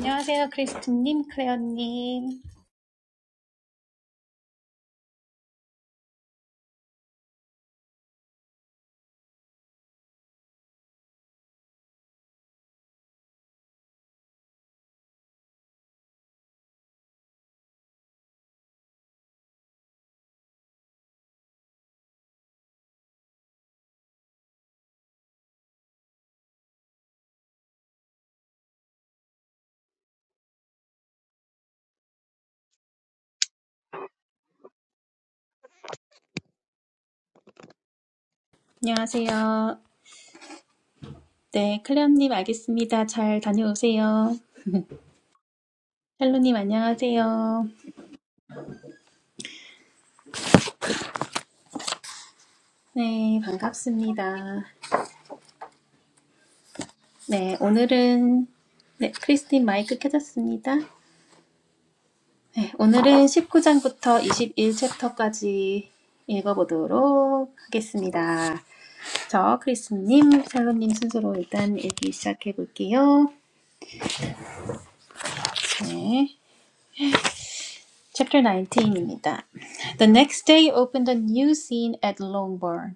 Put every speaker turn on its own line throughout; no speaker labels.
안녕하세요, 크리스틴님, 클레어님. 안녕하세요. 네, 클레어님 알겠습니다. 잘 다녀오세요. 샬로님 안녕하세요. 네, 반갑습니다. 네, 오늘은 네, 크리스틴 마이크 켜졌습니다. 네, 오늘은 19장부터 21챕터까지 읽어보도록 하겠습니다. 저 크리스님, 샬로님 순서로 일단 읽기 시작해 볼게요. 네. Chapter 19입니다. The next day opened a new scene at Longbourn.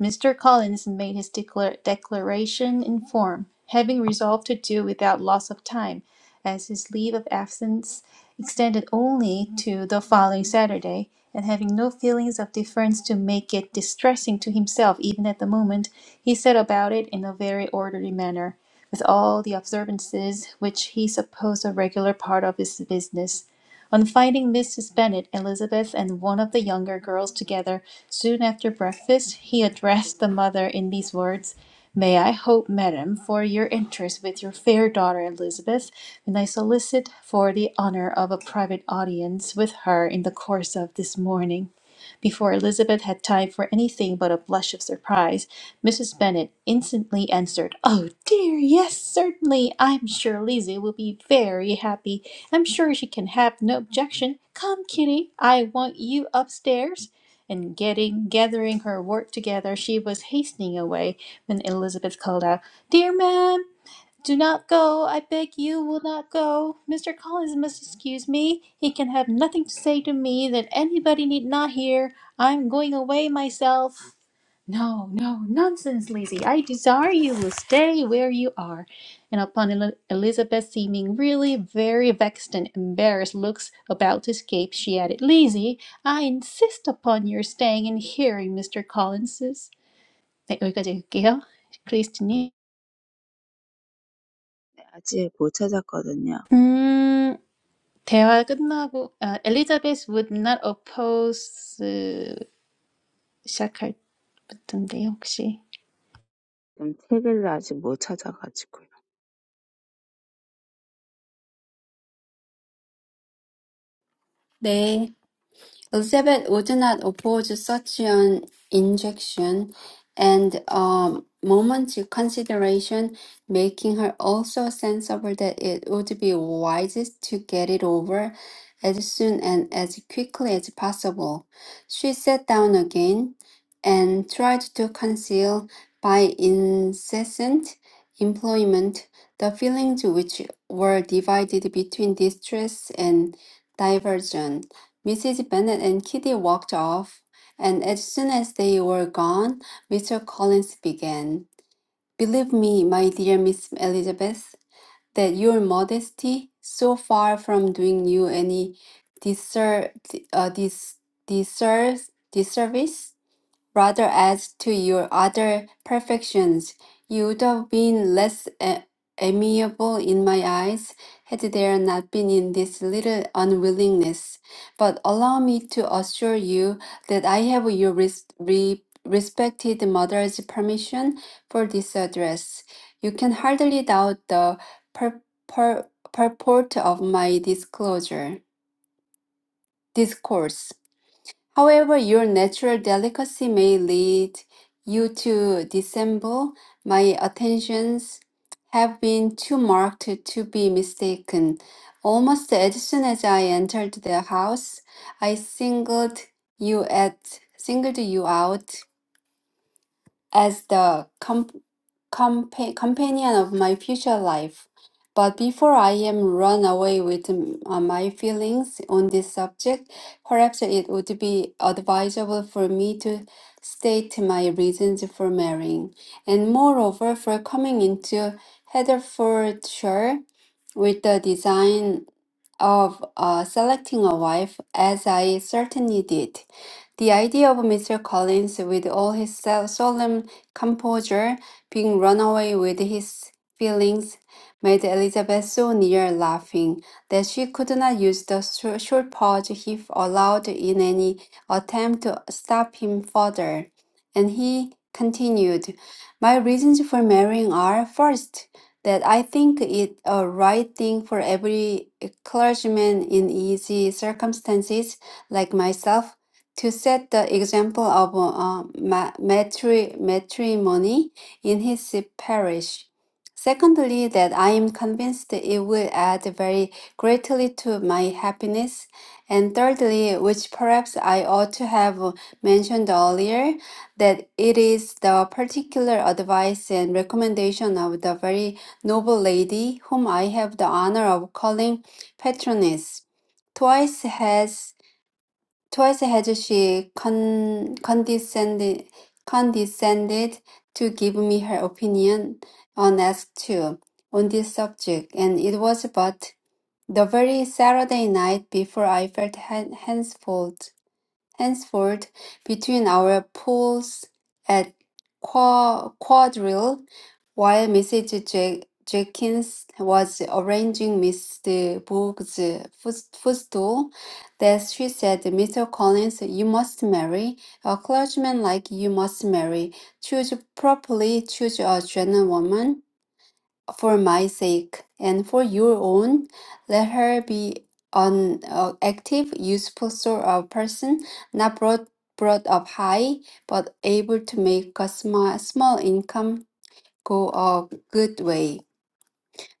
Mr. Collins made his declar- declaration in form, having resolved to do without loss of time, as his leave of absence extended only to the following Saturday, and having no feelings of deference to make it distressing to himself even at the moment, he set about it in a very orderly manner, with all the observances which he supposed a regular part of his business. On finding Mrs. Bennet, Elizabeth, and one of the younger girls together soon after breakfast, he addressed the mother in these words: "May I hope, madam, for your interest with your fair daughter Elizabeth, and I solicit for the honour of a private audience with her in the course of this morning. Before Elizabeth had time for anything but a blush of surprise, Mrs. Bennet instantly answered, "Oh dear, yes, certainly. I'm sure Lizzie will be very happy. I'm sure she can have no objection. Come, Kitty, I want you upstairs." And getting gathering her work together, she was hastening away when Elizabeth called out, "Dear ma'am, do not go, I beg you will not go. Mr. Collins must excuse me. He can have nothing to say to me that anybody need not hear. I'm going away myself. No, no, nonsense, Lizzie. I desire you will stay where you are. And upon El- Elizabeth seeming really very vexed and embarrassed looks about to escape, she added, Lizzie, I insist upon your staying and hearing Mr. Collins's. 네, 여기까지 읽을게요. 크리스티님.
아직 못 찾았거든요.
대화 끝나고 아, 엘리자베스 would not oppose 시작할 텐데요 혹시
지금 책을 아직 못 찾아가지고요.
네, Elizabeth would not oppose such an injection, and a moment's consideration making her also sensible that it would be wisest to get it over as soon and as quickly as possible. She sat down again and tried to conceal by incessant employment the feelings which were divided between distress and diversion. Mrs. Bennet and Kitty walked off, and as soon as they were gone, Mr. Collins began. Believe me, my dear Miss Elizabeth, that your modesty, so far from doing you any disser- uh, dis- disser- disservice, rather adds to your other perfections, you would have been less a- amiable in my eyes had there not been in this little unwillingness. But allow me to assure you that I have your res- re- respected mother's permission for this address. You can hardly doubt the pur- pur- purport of my disclosure, discourse. However, your natural delicacy may lead you to dissemble. My attentions have been too marked to be mistaken. Almost as soon as I entered the house, I singled you at singled you out as the com- compa- companion of my future life. But before I am run away with m- uh, my feelings on this subject, perhaps it would be advisable for me to state my reasons for marrying, and moreover, for coming into Hertfordshire with the design of uh, selecting a wife, as I certainly did. The idea of Mr. Collins, with all his so- solemn composure, being run away with his feelings, made Elizabeth so near laughing that she could not use the shor- short pause he allowed in any attempt to stop him further. And he continued, My reasons for marrying are, first, that I think it a right thing for every clergyman in easy circumstances like myself to set the example of uh, ma- matri- matrimony in his parish. Secondly, that I am convinced it will add very greatly to my happiness. And thirdly, which perhaps I ought to have mentioned earlier, that it is the particular advice and recommendation of the very noble lady whom I have the honor of calling patroness. Twice has twice has she con- condescended condescended to give me her opinion unasked too on this subject, and it was but the very Saturday night before I felt hen- henceforth henceforth between our pools at qua- quadrille while Mrs. Je- Jenkins was arranging Mr. Boone's foot- footstool, that she said, Mr. Collins, you must marry. A clergyman like you must marry. Choose properly, choose a gentlewoman for my sake and for your own. Let her be an uh, active, useful sort of person, not brought, brought up high, but able to make a sma- small income go a good way.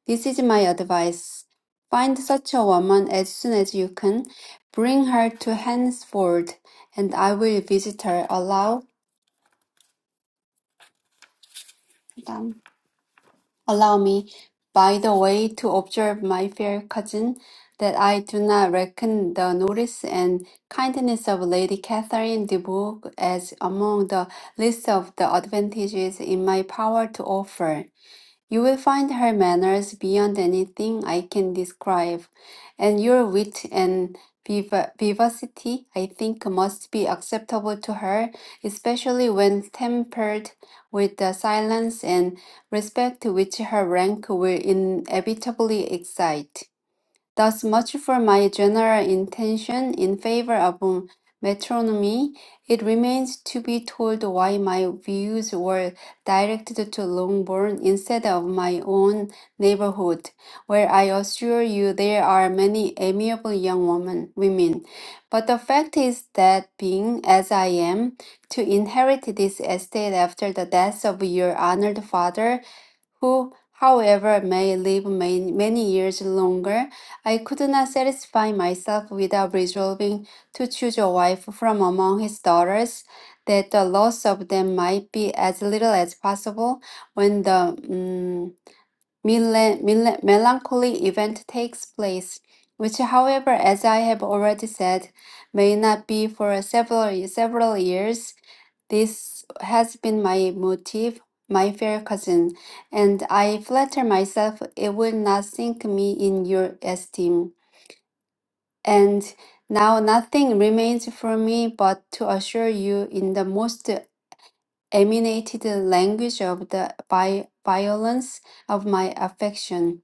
This is my advice. Find such a woman as soon as you can. Bring her to Hansford, and I will visit her. Allow, um, allow me, by the way, to observe, my fair cousin, that I do not reckon the notice and kindness of Lady Catherine de Bourgh as among the list of the advantages in my power to offer. You will find her manners beyond anything I can describe, and your wit and viva- vivacity, I think, must be acceptable to her, especially when tempered with the silence and respect which her rank will inevitably excite. Thus much for my general intention in favor of um, metronomy. It remains to be told why my views were directed to Longbourn instead of my own neighborhood, where I assure you there are many amiable young women, women. But the fact is that being as I am, to inherit this estate after the death of your honored father, who, however, may live many, many years longer. I could not satisfy myself without resolving to choose a wife from among his daughters, that the loss of them might be as little as possible when the mm, mele- mele- melancholy event takes place, which, however, as I have already said, may not be for several several years. This has been my motive, my fair cousin, and I flatter myself it will not sink me in your esteem. And now nothing remains for me but to assure you in the most emanated language of the vi- violence of my affection.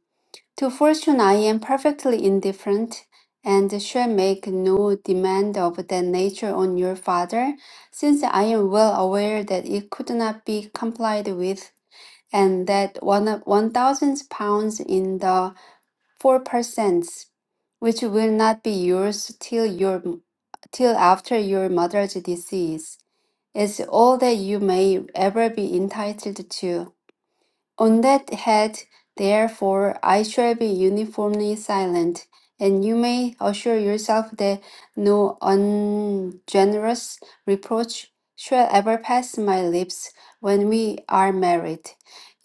To fortune I am perfectly indifferent, and shall make no demand of that nature on your father, since I am well aware that it could not be complied with, and that one one thousand pounds in the 4%, which will not be yours till your till after your mother's decease, is all that you may ever be entitled to. On that head, therefore, I shall be uniformly silent, and you may assure yourself that no ungenerous reproach shall ever pass my lips when we are married.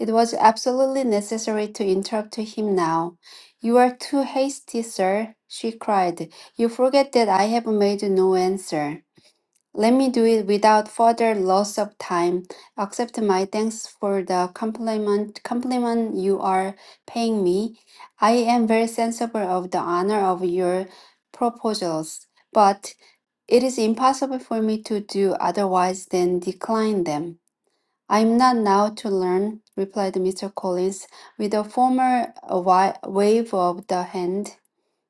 It was absolutely necessary to interrupt him now. You are too hasty, sir, she cried. You forget that I have made no answer. Let me do it without further loss of time. Accept my thanks for the compliment compliment you are paying me. I am very sensible of the honor of your proposals, but it is impossible for me to do otherwise than decline them. I am not now to learn, replied Mr. Collins, with a formal wa- wave of the hand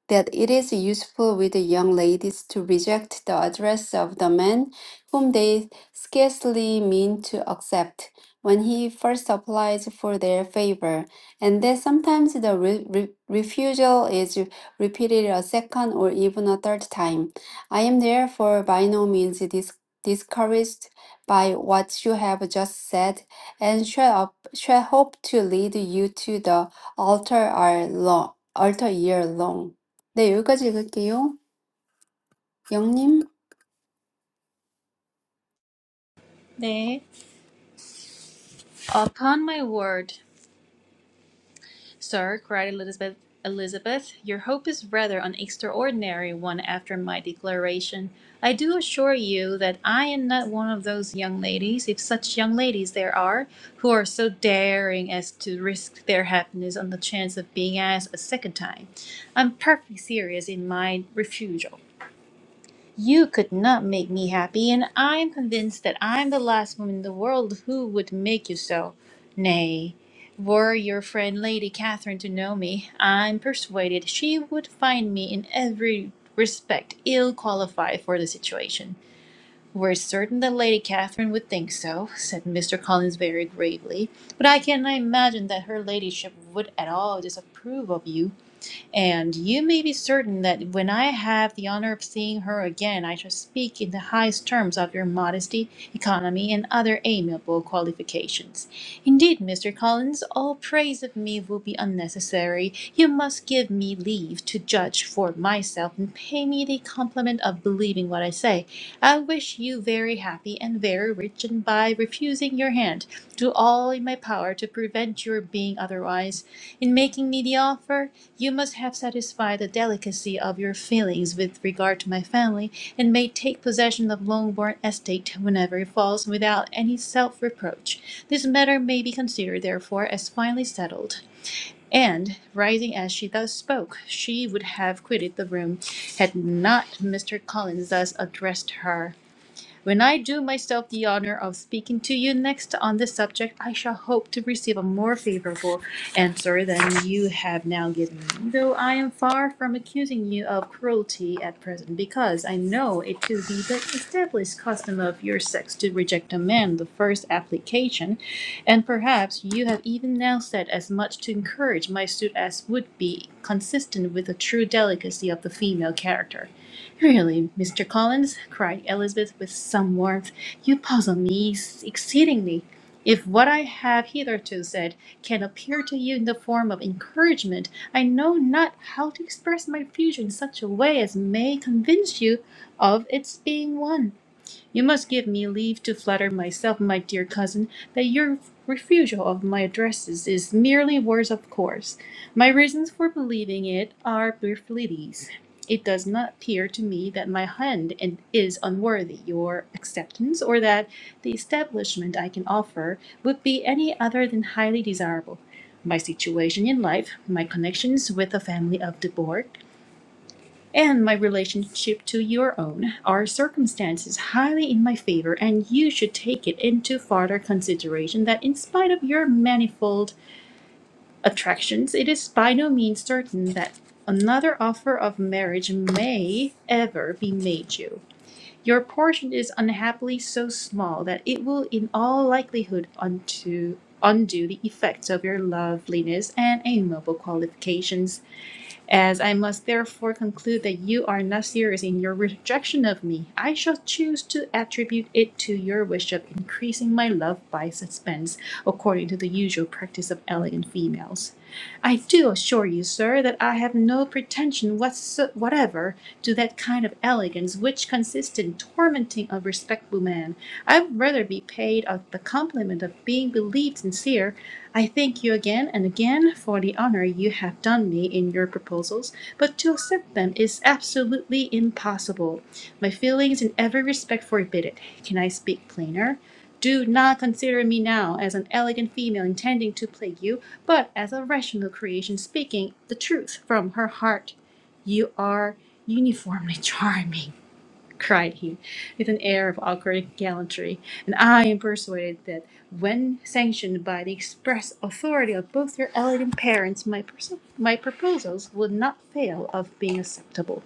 that it is useful with young ladies to reject the address of the man whom they scarcely mean to accept when he first applies for their favor, and that sometimes the re- re- refusal is repeated a second or even a third time. I am therefore by no means dis- discouraged by what you have just said, and shall, up, shall hope to lead you to the altar, are long, altar year long. 네, 여기까지 읽을게요. 영님?
네. Upon my word, sir, cried Elizabeth. Elizabeth, your hope is rather an extraordinary one after my declaration. I do assure you that I am not one of those young ladies, if such young ladies there are, who are so daring as to risk their happiness on the chance of being asked a second time. I'm perfectly serious in my refusal. You could not make me happy, and I am convinced that I am the last woman in the world who would make you so. Nay, were your friend Lady Catherine to know me, I am persuaded she would find me in every respect ill qualified for the situation. We're certain that Lady Catherine would think so, said Mr. Collins very gravely, but I cannot imagine that her ladyship would at all disapprove of you. And you may be certain that when I have the honor of seeing her again, I shall speak in the highest terms of your modesty, economy, and other amiable qualifications. Indeed, Mr. Collins, all praise of me will be unnecessary. You must give me leave to judge for myself, and pay me the compliment of believing what I say. I wish you very happy and very rich, and by refusing your hand, do all in my power to prevent your being otherwise. In making me the offer, you must have satisfied the delicacy of your feelings with regard to my family, and may take possession of Longbourn estate whenever it falls without any self reproach. This matter may be considered, therefore, as finally settled. And, rising as she thus spoke, she would have quitted the room had not Mr. Collins thus addressed her. When I do myself the honor of speaking to you next on this subject, I shall hope to receive a more favorable Answer sir, then you have now given me, though I am far from accusing you of cruelty at present, because I know it to be the established custom of your sex to reject a man the first application, and perhaps you have even now said as much to encourage my suit as would be consistent with the true delicacy of the female character. Really, Mr. Collins, cried Elizabeth with some warmth, you puzzle me exceedingly. If what I have hitherto said can appear to you in the form of encouragement, I know not how to express my future in such a way as may convince you of its being one. You must give me leave to flatter myself, my dear cousin, that your refusal of my addresses is merely words of course. My reasons for believing it are briefly these. It does not appear to me that my hand and- is unworthy your acceptance, or that the establishment I can offer would be any other than highly desirable. My situation in life, my connections with the family of De Bourgh, and my relationship to your own are circumstances highly in my favor, and you should take it into further consideration that, in spite of your manifold attractions, it is by no means certain that another offer of marriage may ever be made you. Your portion is unhappily so small that it will, in all likelihood, unto undo the effects of your loveliness and amiable qualifications as I must therefore conclude that you are not serious in your rejection of me, I shall choose to attribute it to your wish of increasing my love by suspense, according to the usual practice of elegant females. I do assure you, sir, that I have no pretension whatso- whatever to that kind of elegance which consists in tormenting a respectable man. I would rather be paid of the compliment of being believed sincere I thank you again and again for the honor you have done me in your proposals, but to accept them is absolutely impossible. My feelings in every respect forbid it. Can I speak plainer? Do not consider me now as an elegant female intending to plague you, but as a rational creation speaking the truth from her heart. You are uniformly charming cried he, with an air of awkward gallantry, and I am persuaded that when sanctioned by the express authority of both your elegant parents, my, pers- my proposals would not fail of being acceptable.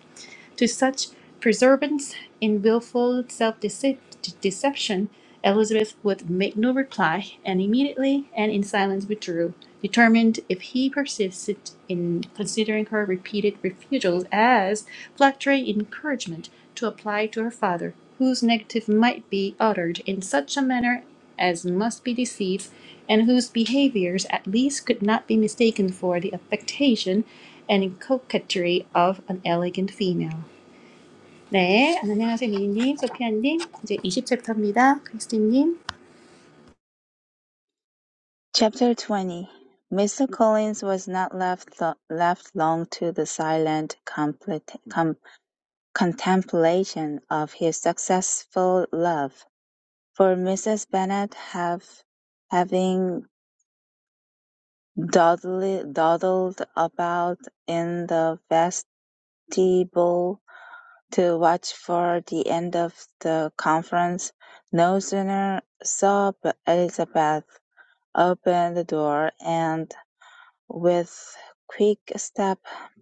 To such perseverance in willful self-deception, Elizabeth would make no reply, and immediately and in silence withdrew, determined if he persisted in considering her repeated refusals as flattering encouragement to apply to her father, whose negative might be uttered in such a manner as must be deceived, and whose behaviors at least could not be mistaken for the affectation and coquetry of an elegant female. 네, 안녕하세요. 미니님, 소피아님, 이제 20챕터입니다. 크리스틴님.
Chapter 20 Mr. Collins was not left, th- left long to the silent complete, com, contemplation of his successful love, for Mrs. Bennet have, having dawdled dawdled about in the vestibule To watch for the end of the conference, no sooner saw Elizabeth open the door and with quick step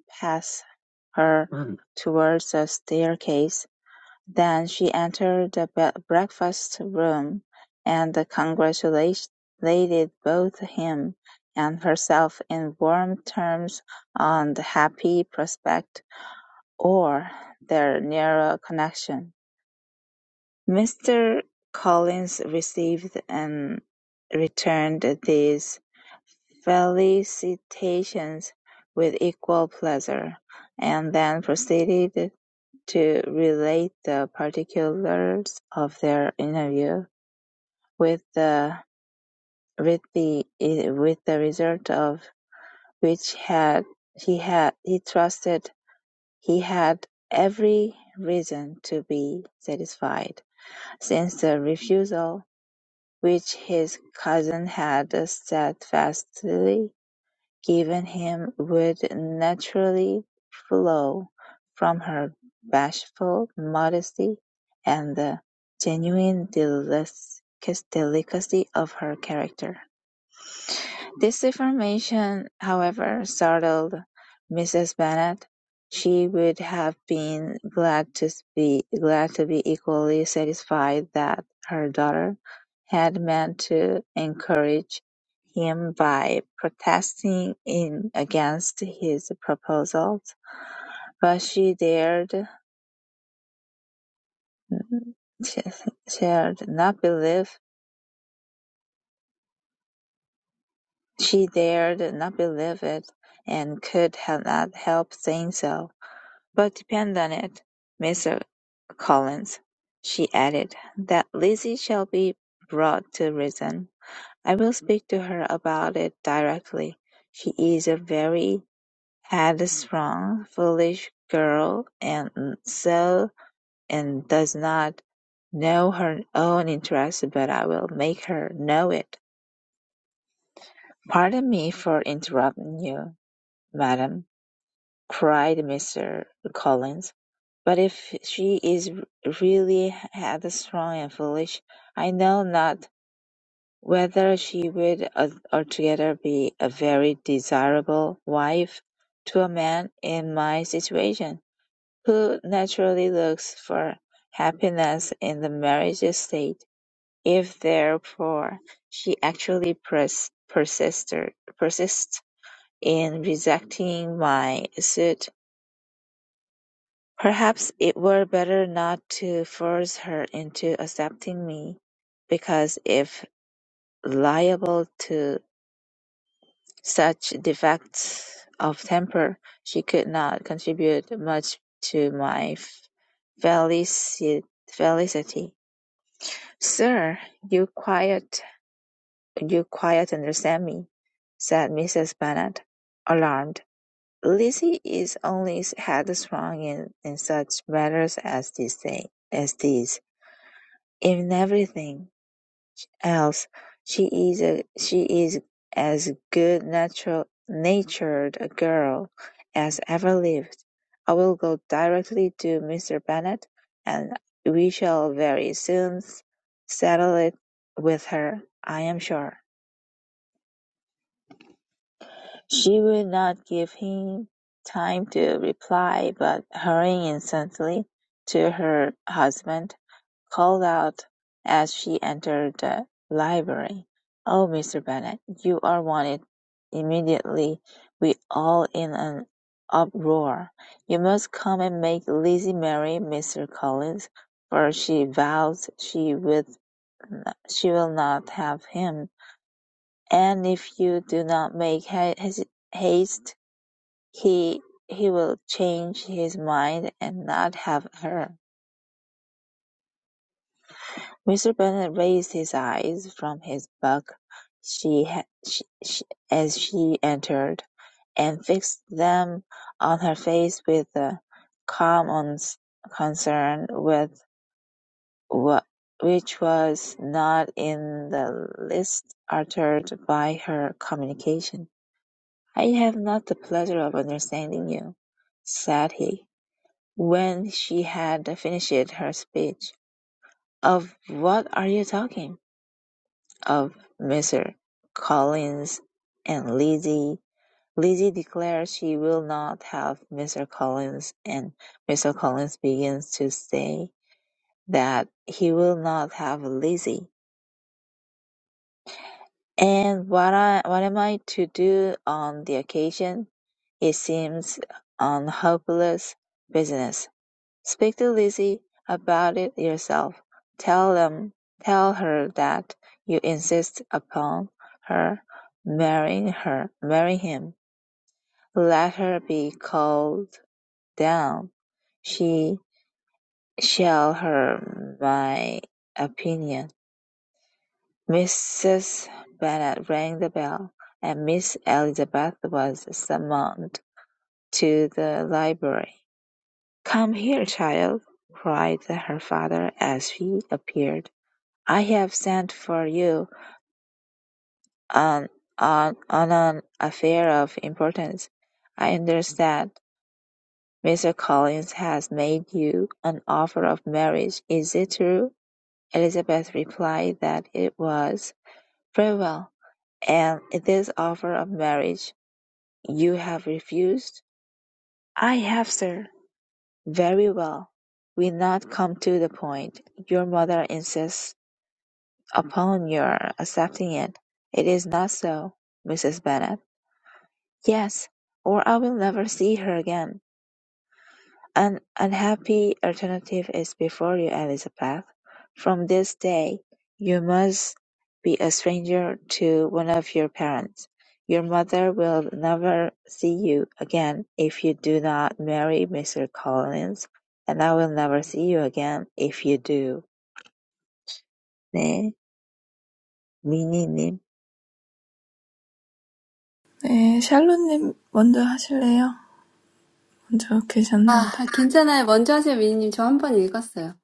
pass her mm. towards the staircase, Then she entered the be- breakfast room and congratulated both him and herself in warm terms on the happy prospect or their nearer connection. Mr. Collins received and returned these felicitations with equal pleasure, and then proceeded to relate the particulars of their interview, with the with the with the result of which had he had he trusted he had every reason to be satisfied, since the refusal which his cousin had steadfastly given him, would naturally flow from her bashful modesty and the genuine delicacy of her character. This information, however, startled Mrs. Bennet; she would have been glad to be glad to be equally satisfied that her daughter had meant to encourage him by protesting in against his proposals, but she dared, she dared not believe. she dared not believe it, and could not help saying so. But depend on it, Mr. Collins," she added, "that Lizzie shall be brought to reason. I will speak to her about it directly. She is a very headstrong, foolish girl, and so and does not know her own interest, but I will make her know it." "Pardon me for interrupting you, madam," cried Mr. Collins. But if she is really headstrong and foolish, I know not whether she would al- altogether be a very desirable wife to a man in my situation, who naturally looks for happiness in the marriage state. If therefore she actually pers- persister- persists in rejecting my suit, Perhaps it were better not to force her into accepting me, because if liable to such defects of temper, she could not contribute much to my f- felici- felicity. "Sir, you quite you quite understand me," said Mrs. Bennet, alarmed. "Lizzie is only headstrong in, in such matters as this thing as these. In everything else she is a she is as good natural natured a girl as ever lived. I will go directly to Mr. Bennet, and we shall very soon settle it with her, I am sure. She would not give him time to reply, but hurrying instantly to her husband, called out as she entered the library. "Oh, Mr. Bennet, you are wanted immediately!" We all in an uproar. "You must come and make Lizzie marry Mr. Collins, for she vows she with she will not have him, and if you do not make ha- haste, he he will change his mind and not have her." Mr. Bennet raised his eyes from his book she, ha- she, she as she entered, and fixed them on her face with a calm uns- concern with wha- which was not in the least altered by her communication. "I have not the pleasure of understanding you," said he, when she had finished her speech. "Of what are you talking?" of Mr. Collins and Lizzie. Lizzie declares she will not have Mr. Collins, and Mr. Collins begins to say that he will not have Lizzie. And what I what am I to do on the occasion? It seems an hopeless business. Speak to Lizzie about it yourself. Tell them, tell her that you insist upon her marrying her, marrying him. Let her be called down. She shall hear my opinion." Mrs. Bennet rang the bell, and Miss Elizabeth was summoned to the library. "Come here, child," cried her father as he appeared. I have sent for you on on on an affair of importance. I understand Mr. Collins has made you an offer of marriage. Is it true?" Elizabeth replied that it was. "Very well. And this offer of marriage you have refused?" "I have, sir." "Very well. We not come to the point. Your mother insists upon your accepting it. It is not so, Mrs. Bennet. Yes, or I will never see her again. An unhappy alternative is before you, Elizabeth. From this day, you must be a stranger to one of your parents. Your mother will never see you again if you do not marry Mr. Collins, and I will never see you again if you do. 네, 미니님.
네, 샬롯님 먼저 하실래요? 먼저
아,
계셨는데.
괜찮아요. 먼저 하세요, 미니님. 저 한 번 읽었어요.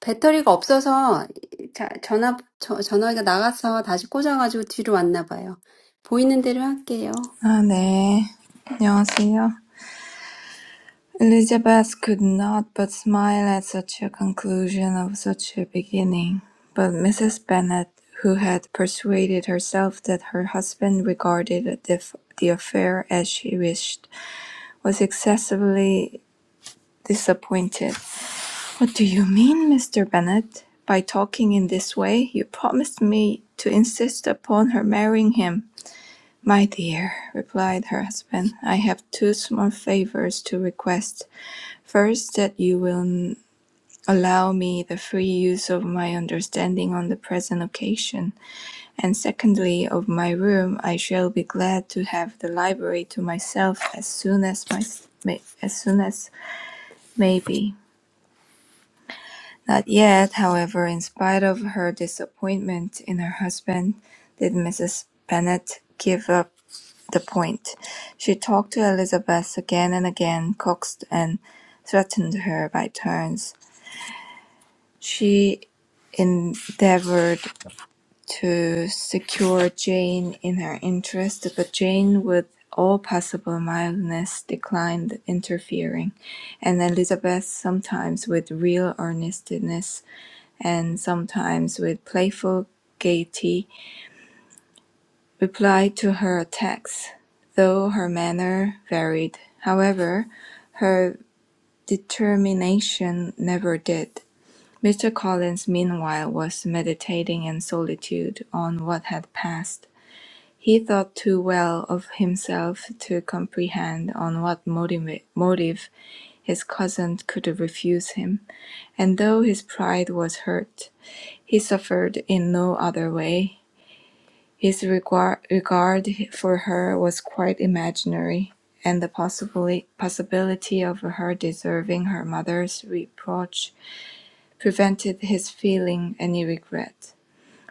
배터리가 없어서 자, 전화, 저, 전화기가 나가서 다시 꽂아가지고 뒤로 왔나 봐요. 보이는 대로 할게요.
아, 네. 안녕하세요. Elizabeth could not but smile at such a conclusion of such a beginning. But Mrs. Bennet, who had persuaded herself that her husband regarded the, f- the affair as she wished, was excessively disappointed. What do you mean, Mr. Bennet? By talking in this way, you promised me to insist upon her marrying him. "My dear," replied her husband, "I have two small favours to request. First, that you will allow me the free use of my understanding on the present occasion; and secondly, of my room. I shall be glad to have the library to myself as soon as my as soon as may be." Not yet, however, in spite of her disappointment in her husband, did Mrs. Bennet give up. the point. She talked to Elizabeth again and again, coaxed and threatened her by turns. She endeavored to secure Jane in her interest, but Jane, with all possible mildness, declined interfering, and Elizabeth, sometimes with real earnestness and sometimes with playful gaiety, replied to her attacks, though her manner varied. However, her determination never did. Mr. Collins, meanwhile, was meditating in solitude on what had passed. He thought too well of himself to comprehend on what motive, motive his cousin could refuse him, and though his pride was hurt, he suffered in no other way. His regard regard for her was quite imaginary, and the possibly, possibility of her deserving her mother's reproach prevented his feeling any regret.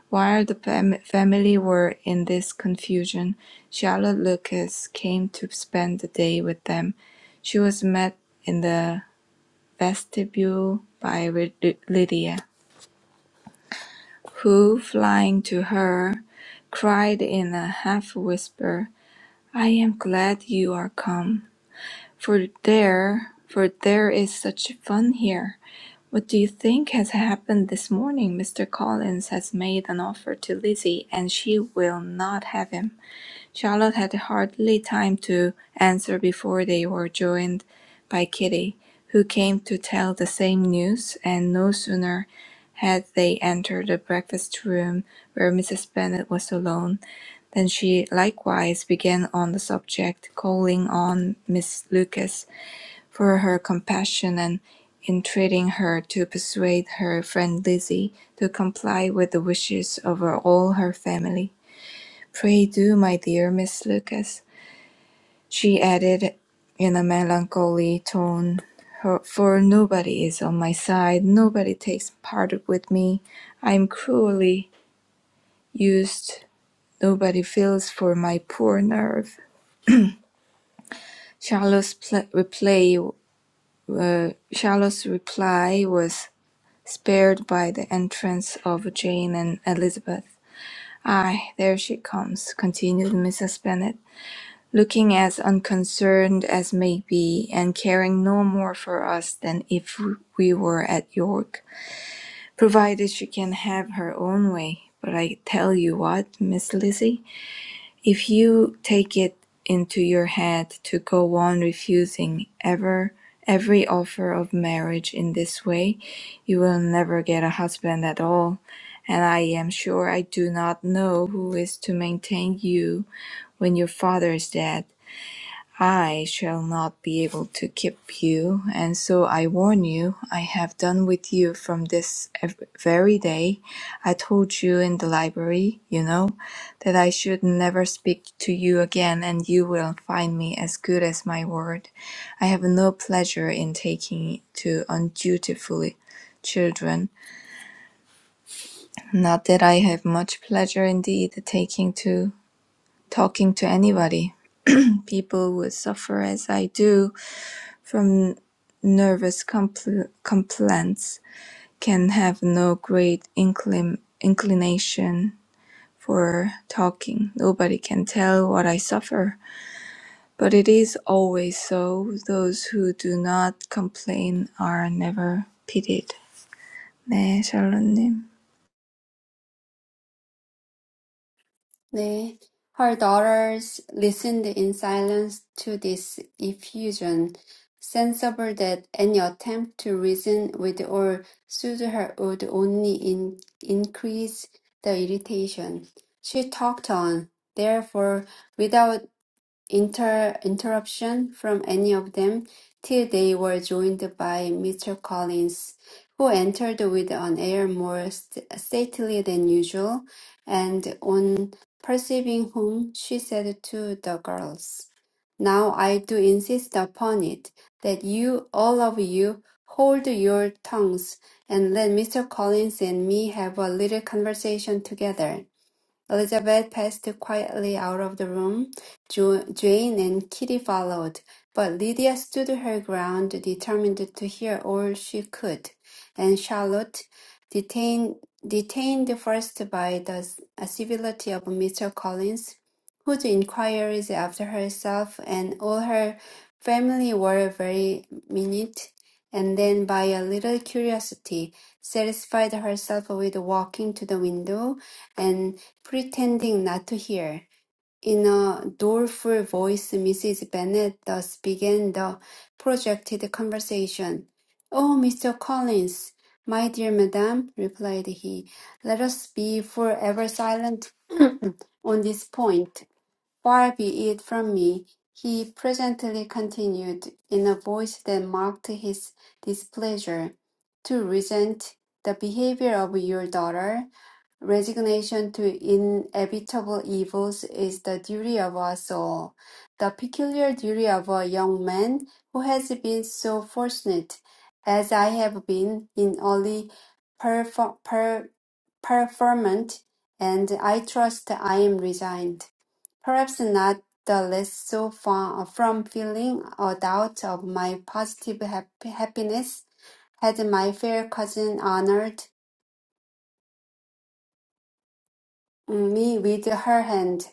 While the fam- family were in this confusion, Charlotte Lucas came to spend the day with them. She was met in the vestibule by Lydia, who, flying to her, cried in a half whisper, I am glad you are come, for there, for there is such fun here. What do you think has happened this morning? Mr. Collins has made an offer to Lizzie, and she will not have him. Charlotte had hardly time to answer before they were joined by Kitty, who came to tell the same news, and no sooner had they entered the breakfast room where Mrs. Bennet was alone then she likewise began on the subject, calling on Miss Lucas for her compassion and entreating her to persuade her friend Lizzie to comply with the wishes of her- all her family. Pray do, my dear Miss Lucas, she added in a melancholy tone, for nobody is on my side, nobody takes part with me. I am cruelly used, nobody feels for my poor nerve. Charlotte's pl- reply uh, Charlotte's reply was spared by the entrance of Jane and Elizabeth. "Ay, there she comes," continued Mrs. Bennet, looking as unconcerned as may be, and caring no more for us than if we were at York, provided she can have her own way. But I tell you what, Miss Lizzie. If you take it into your head to go on refusing ever every offer of marriage in this way, you will never get a husband at all. And I am sure I do not know who is to maintain you when your father is dead. I shall not be able to keep you, and so I warn you, I have done with you from this ev- very day. I told you in the library, you know, that I should never speak to you again, and you will find me as good as my word. I have no pleasure in taking to undutiful children. Not that I have much pleasure indeed taking to talking to anybody. People would suffer as I do from nervous compl- complaints can have no great inclin- inclination for talking. Nobody can tell what I suffer. But it is always so. Those who do not complain are never pitied. 네, 샬롯님.
네. Her daughters listened in silence to this effusion, sensible that any attempt to reason with or soothe her would only in- increase the irritation. She talked on, therefore, without inter- interruption from any of them till they were joined by Mr. Collins, who entered with an air more st- stately than usual, and on perceiving whom, she said to the girls, Now I do insist upon it that you, all of you, hold your tongues and let Mr. Collins and me have a little conversation together. Elizabeth passed quietly out of the room. Jo- Jane and Kitty followed, but Lydia stood her ground, determined to hear all she could, and Charlotte, detained, detained first by the s- civility of Mr. Collins, whose inquiries after herself and all her family were very minute, and then by a little curiosity, satisfied herself with walking to the window and pretending not to hear. In a doleful voice, Mrs. Bennet thus began the projected conversation. "Oh, Mr. Collins, my dear madam," replied he, "let us be forever silent on this point. Far be it from me," he presently continued, in a voice that marked his displeasure, "to resent the behavior of your daughter. Resignation to inevitable evils is the duty of us all, the peculiar duty of a young man who has been so fortunate as I have been in early perfor- per- preferment, and I trust I am resigned. Perhaps not the less so far from feeling a doubt of my positive hap- happiness had my fair cousin honored me with her hand.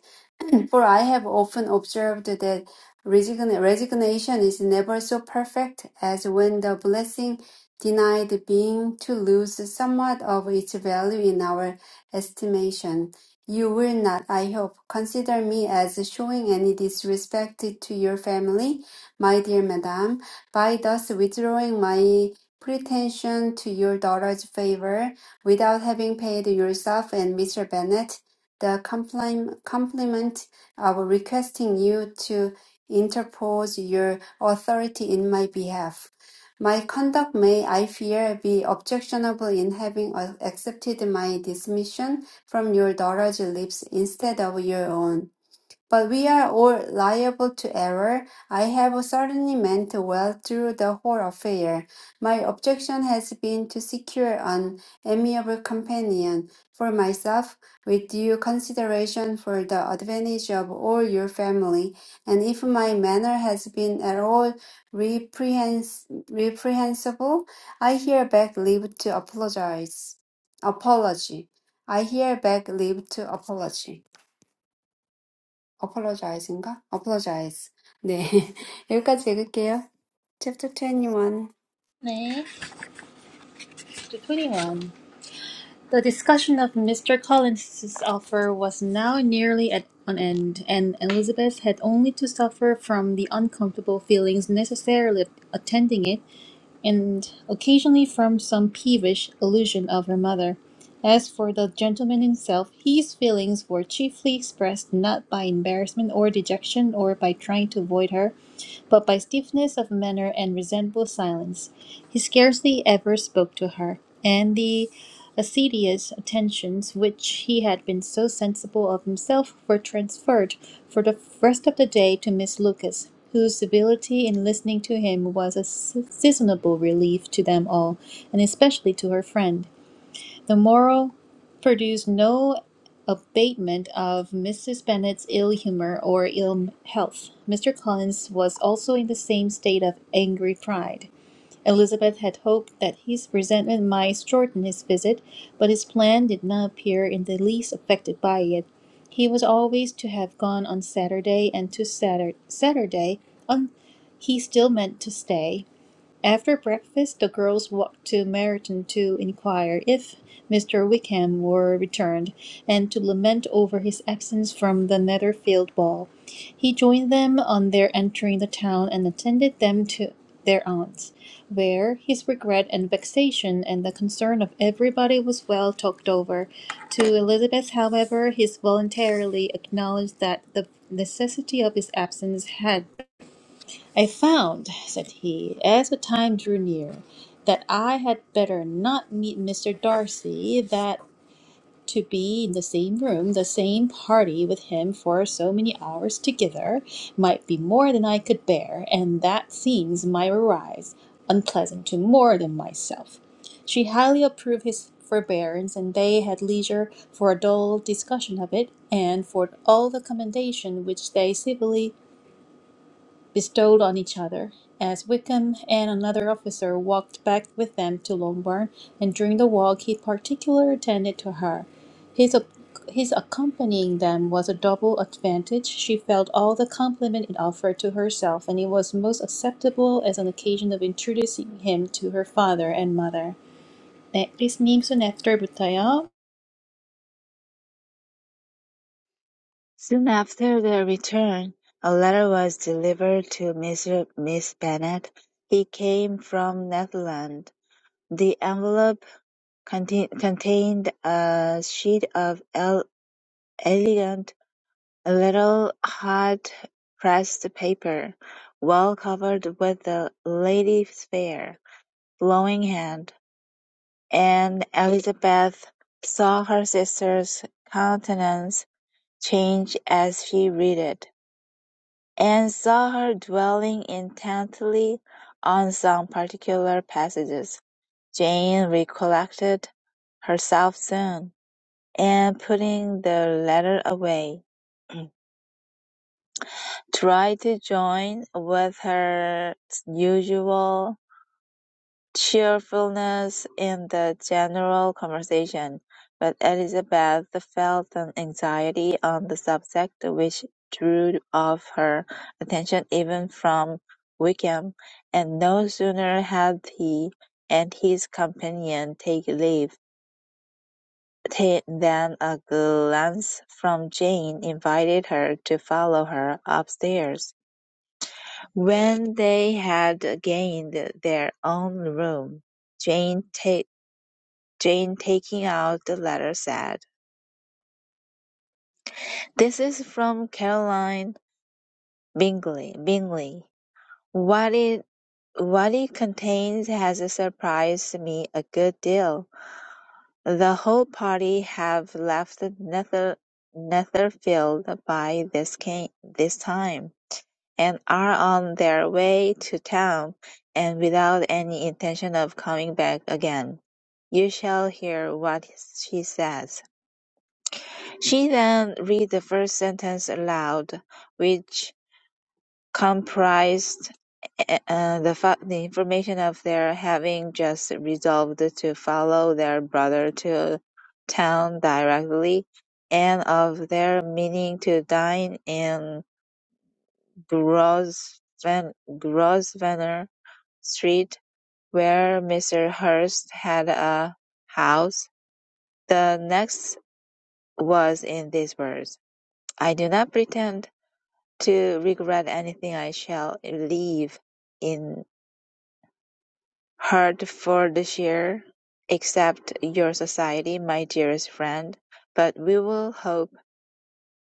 For I have often observed that resign- resignation is never so perfect as when the blessing denied being to lose somewhat of its value in our estimation. You will not, I hope, consider me as showing any disrespect to your family, my dear madam, by thus withdrawing my pretension to your daughter's favor without having paid yourself and Mr. Bennet the complim- compliment of requesting you to interpose your authority in my behalf. My conduct may, I fear, be objectionable in having uh, accepted my dismission from your daughter's lips instead of your own. But we are all liable to error. I have certainly meant well through the whole affair. My objection has been to secure an amiable companion for myself, with due consideration for the advantage of all your family. And if my manner has been at all reprehens- reprehensible, I hereby leave to apologize. Apology. I hereby leave to apology apologize인가? apologize. 네. 여기까지 읽을게요. Chapter 21.
네, chapter 21. The discussion of Mr. Collins's offer was now nearly at an end, and Elizabeth had only to suffer from the uncomfortable feelings necessarily attending it, and occasionally from some peevish allusion of her mother. As for the gentleman himself, his feelings were chiefly expressed not by embarrassment or dejection or by trying to avoid her, but by stiffness of manner and resentful silence. He scarcely ever spoke to her, and the assiduous attentions which he had been so sensible of himself were transferred for the rest of the day to Miss Lucas, whose civility in listening to him was a seasonable relief to them all, and especially to her friend. The moral produced no abatement of Mrs. Bennet's ill humour or ill health. Mr. Collins was also in the same state of angry pride. Elizabeth had hoped that his resentment might shorten his visit, but his plan did not appear in the least affected by it. He was always to have gone on Saturday, and to Saturday, Saturday on he still meant to stay. After breakfast, the girls walked to Meryton to inquire if Mr. Wickham were returned, and to lament over his absence from the Netherfield ball. He joined them on their entering the town and attended them to their aunt's, where his regret and vexation and the concern of everybody was well talked over. To Elizabeth, however, he voluntarily acknowledged that the necessity of his absence had I found, said he, as the time drew near, that I had better not meet Mr. Darcy, that to be in the same room, the same party with him for so many hours together, might be more than I could bear, and that seems my arise unpleasant to more than myself. She highly approved his forbearance, and they had leisure for a dull discussion of it, and for all the commendation which they civilly bestowed on each other. As Wickham and another officer walked back with them to Longbourn, and during the walk he particularly attended to her. His, ac- his accompanying them was a double advantage. She felt all the compliment it offered to herself, and it was most acceptable as an occasion of introducing him to her father and mother. 네, 크리스님 순 애프터부터요.
Soon after their return, a letter was delivered to Mr. Miss Bennet. It came from Netherland. The envelope conti- contained a sheet of el- elegant, little hot-pressed paper, well covered with the lady's fair, flowing hand, and Elizabeth saw her sister's countenance change as she read it. And saw her dwelling intently on some particular passages. Jane recollected herself soon, and putting the letter away, tried to join with her usual cheerfulness in the general conversation, but Elizabeth felt an anxiety on the subject which drew off her attention even from Wickham, and no sooner had he and his companion take leave ta- than a glance from Jane invited her to follow her upstairs. When they had gained their own room, Jane ta- Jane, taking out the letter, said, "This is from Caroline Bingley. Bingley. What it what it contains has surprised me a good deal. The whole party have left Nether, Netherfield by this ca- this time, and are on their way to town, and without any intention of coming back again. You shall hear what she says. She then read the first sentence aloud, which comprised eh, eh, uh, the fa- the information of their having just resolved to follow their brother to town directly, and of their meaning to dine in Grosven- Grosvenor Street, where Mr. Hurst had a house. The next was in these words: "I do not pretend to regret anything I shall leave in Hertfordshire, except your society, my dearest friend, but we will hope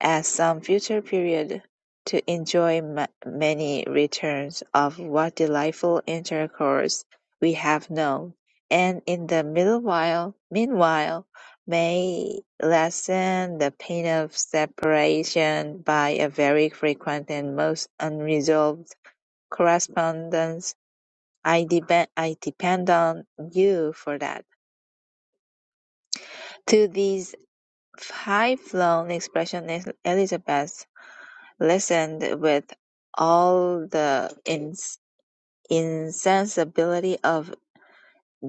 at some future period to enjoy ma- many returns of what delightful intercourse we have known, and in the middle while, meanwhile, may lessen the pain of separation by a very frequent and most unresolved correspondence. I depend I depend on you for that. To these high flown expressions Elizabeth listened with all the ins- insensibility of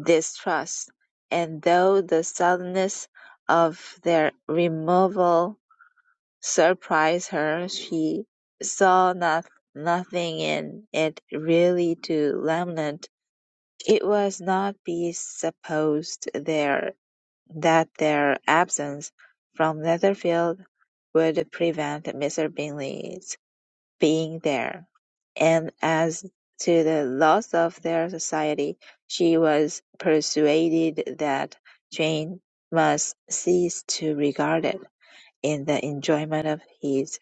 distrust, and though the suddenness of their removal surprised her, she saw not, nothing in it really to lament It was not be supposed there that their absence from Netherfield would prevent Mr. Bingley's being there; and as to the loss of their society, she was persuaded that Jane must cease to regard it, in the enjoyment of his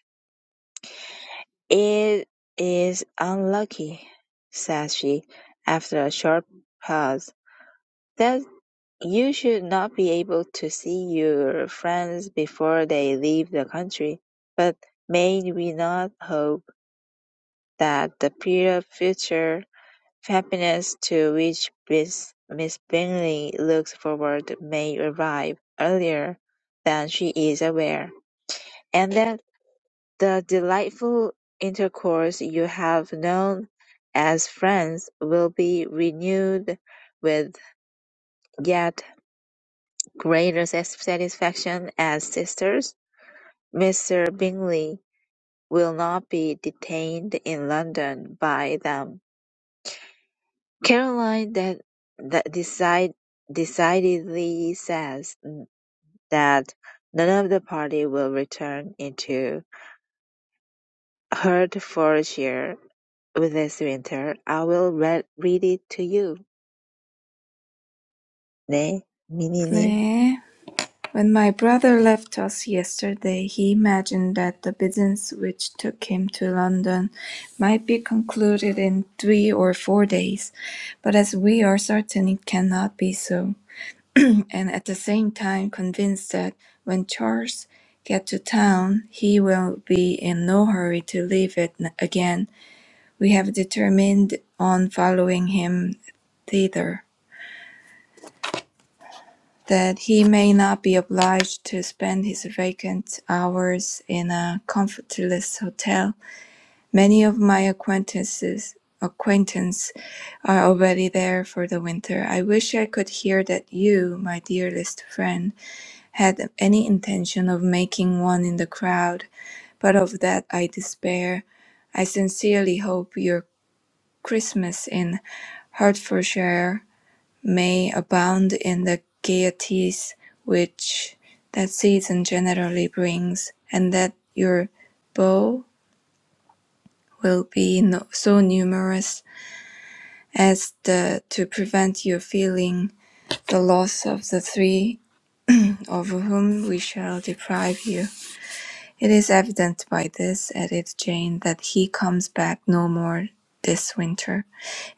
"It is unlucky," said she, after a short pause, "that You should not be able to see your friends before they leave the country, but may we not hope that the pure future happiness to which Miss, Miss Bingley looks forward may arrive earlier than she is aware, and that the delightful intercourse you have known as friends will be renewed with yet Greater satisfaction as sisters, Mr. Bingley will not be detained in London by them. Caroline that, that decide, decidedly says that none of the party will return into Hertfordshire this winter. I will re- read it to you. 네, 미니님.
네. When my brother left us yesterday, he imagined that the business which took him to London might be concluded in three or four days, but as we are certain it cannot be so, and at the same time convinced that when Charles get to town, he will be in no hurry to leave it again, we have determined on following him thither. that he may not be obliged to spend his vacant hours in a comfortless hotel. Many of my acquaintances acquaintance are already there for the winter. I wish I could hear that you, my dearest friend, had any intention of making one in the crowd, but of that I despair. I sincerely hope your Christmas in Hertfordshire may abound in the gaieties which that season generally brings, and that your beaux will be no, so numerous as the, to prevent your feeling the loss of the three of whom we shall deprive you. It is evident by this, added Jane, that he comes back no more this winter.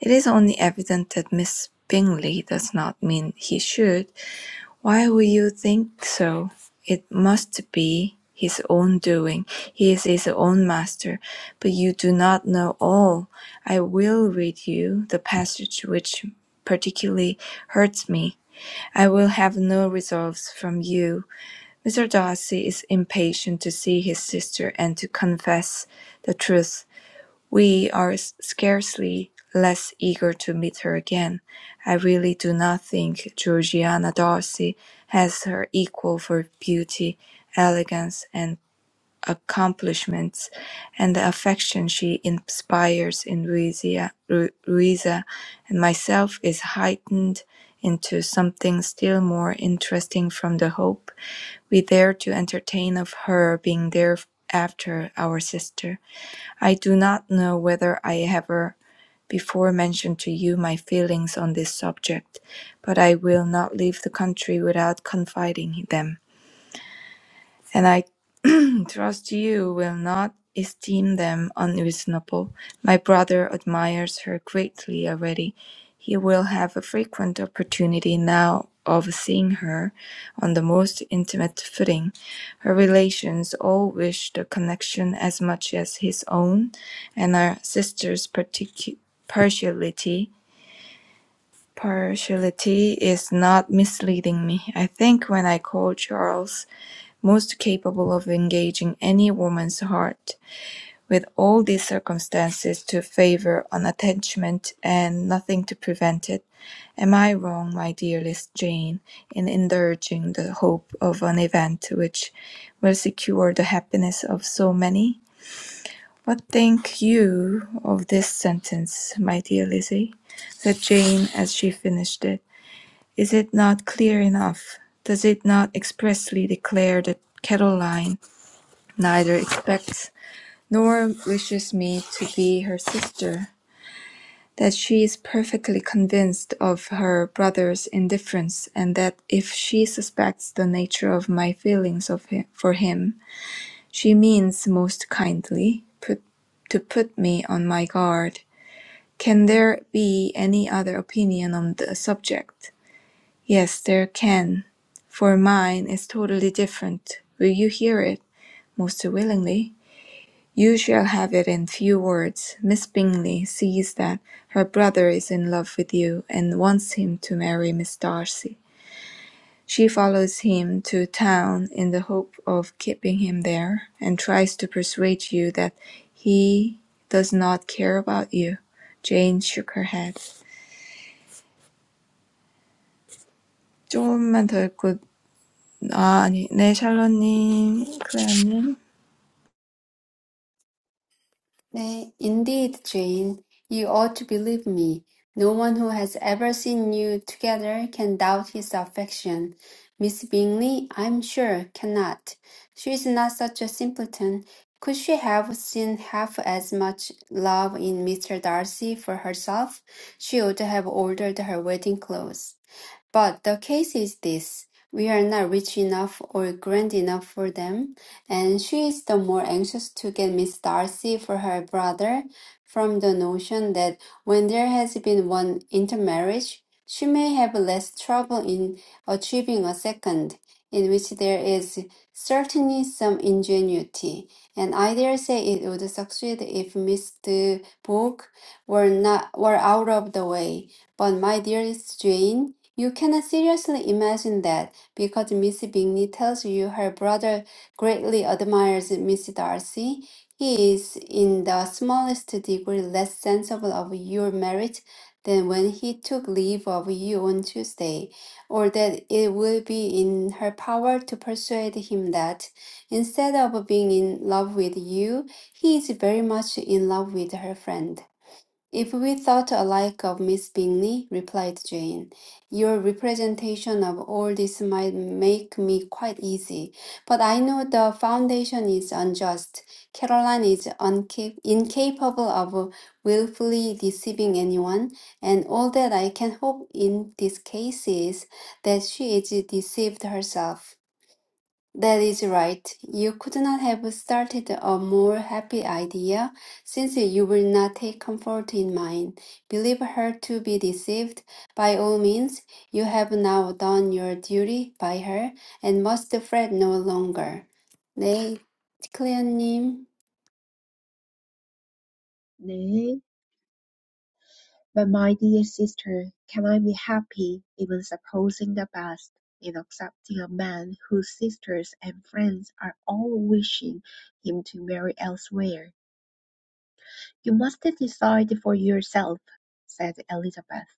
It is only evident that Miss Bingley does not mean he should, Why would you think so? It must be his own doing. He is his own master. But you do not know all. I will read you the passage which particularly hurts me. I will have no resolves from you. Mr. Darcy is impatient to see his sister and to confess the truth. We are scarcely less eager to meet her again. I really do not think Georgiana Darcy has her equal for beauty, elegance, and accomplishments, and the affection she inspires in Louisa, Louisa and myself is heightened into something still more interesting from the hope we dare to entertain of her being thereafter our sister. I do not know whether I ever before mentioned to you my feelings on this subject, but I will not leave the country without confiding them. And I Trust you will not esteem them unreasonable. My brother admires her greatly already. He will have a frequent opportunity now of seeing her on the most intimate footing. Her relations all wish the connection as much as his own, and our sister's particu- partiality partiality is not misleading me. I think when I called Charles most capable of engaging any woman's heart, with all these circumstances to favour an attachment, and nothing to prevent it. Am I wrong, my dearest Jane, in indulging the hope of an event which will secure the happiness of so many? What think you of this sentence, my dear Lizzie? said Jane as she finished it. Is it not clear enough? Does it not expressly declare that Caroline neither expects nor wishes me to be her sister, that she is perfectly convinced of her brother's indifference, and that if she suspects the nature of my feelings of him, for him, she means most kindly put, to put me on my guard. Can there be any other opinion on the subject? Yes, there can, for mine is totally different. Will you hear it? Most willingly. You shall have it in few words. Miss Bingley sees that her brother is in love with you, and wants him to marry Miss Darcy. She follows him to town in the hope of keeping him there, and tries to persuade you that he does not care about you. Jane shook her head. 조금만 더 읽고 아 아니 네 샬롯님 클레어님
네. Indeed, Jane, you ought to believe me. No one who has ever seen you together can doubt his affection. Miss Bingley, I'm sure, cannot. She is not such a simpleton. Could she have seen half as much love in Mr. Darcy for herself? She ought to have ordered her wedding clothes. But the case is this: we are not rich enough or grand enough for them, and she is the more anxious to get Miss Darcy for her brother from the notion that when there has been one intermarriage, she may have less trouble in achieving a second, in which there is certainly some ingenuity, and I dare say it would succeed if Mr. Book were not were out of the way. But my dearest Jane, you cannot seriously imagine that because Miss Bingley tells you her brother greatly admires Miss Darcy, he is in the smallest degree less sensible of your merit than when he took leave of you on Tuesday, or that it will be in her power to persuade him that, instead of being in love with you, he is very much in love with her friend. If we thought alike of Miss Bingley, replied Jane, your representation of all this might make me quite easy. But I know the foundation is unjust. Caroline is unca- incapable of willfully deceiving anyone, and all that I can hope in this case is that she is deceived herself. That is right. You could not have started a more happy idea, since you will not take comfort in mine. Believe her to be deceived. By all means, you have now done your duty by her and must fret no longer. 네, 클레어님.
Nay, but my dear sister, can I be happy, even supposing the best, in accepting a man whose sisters and friends are all wishing him to marry elsewhere? You must decide for yourself, said Elizabeth,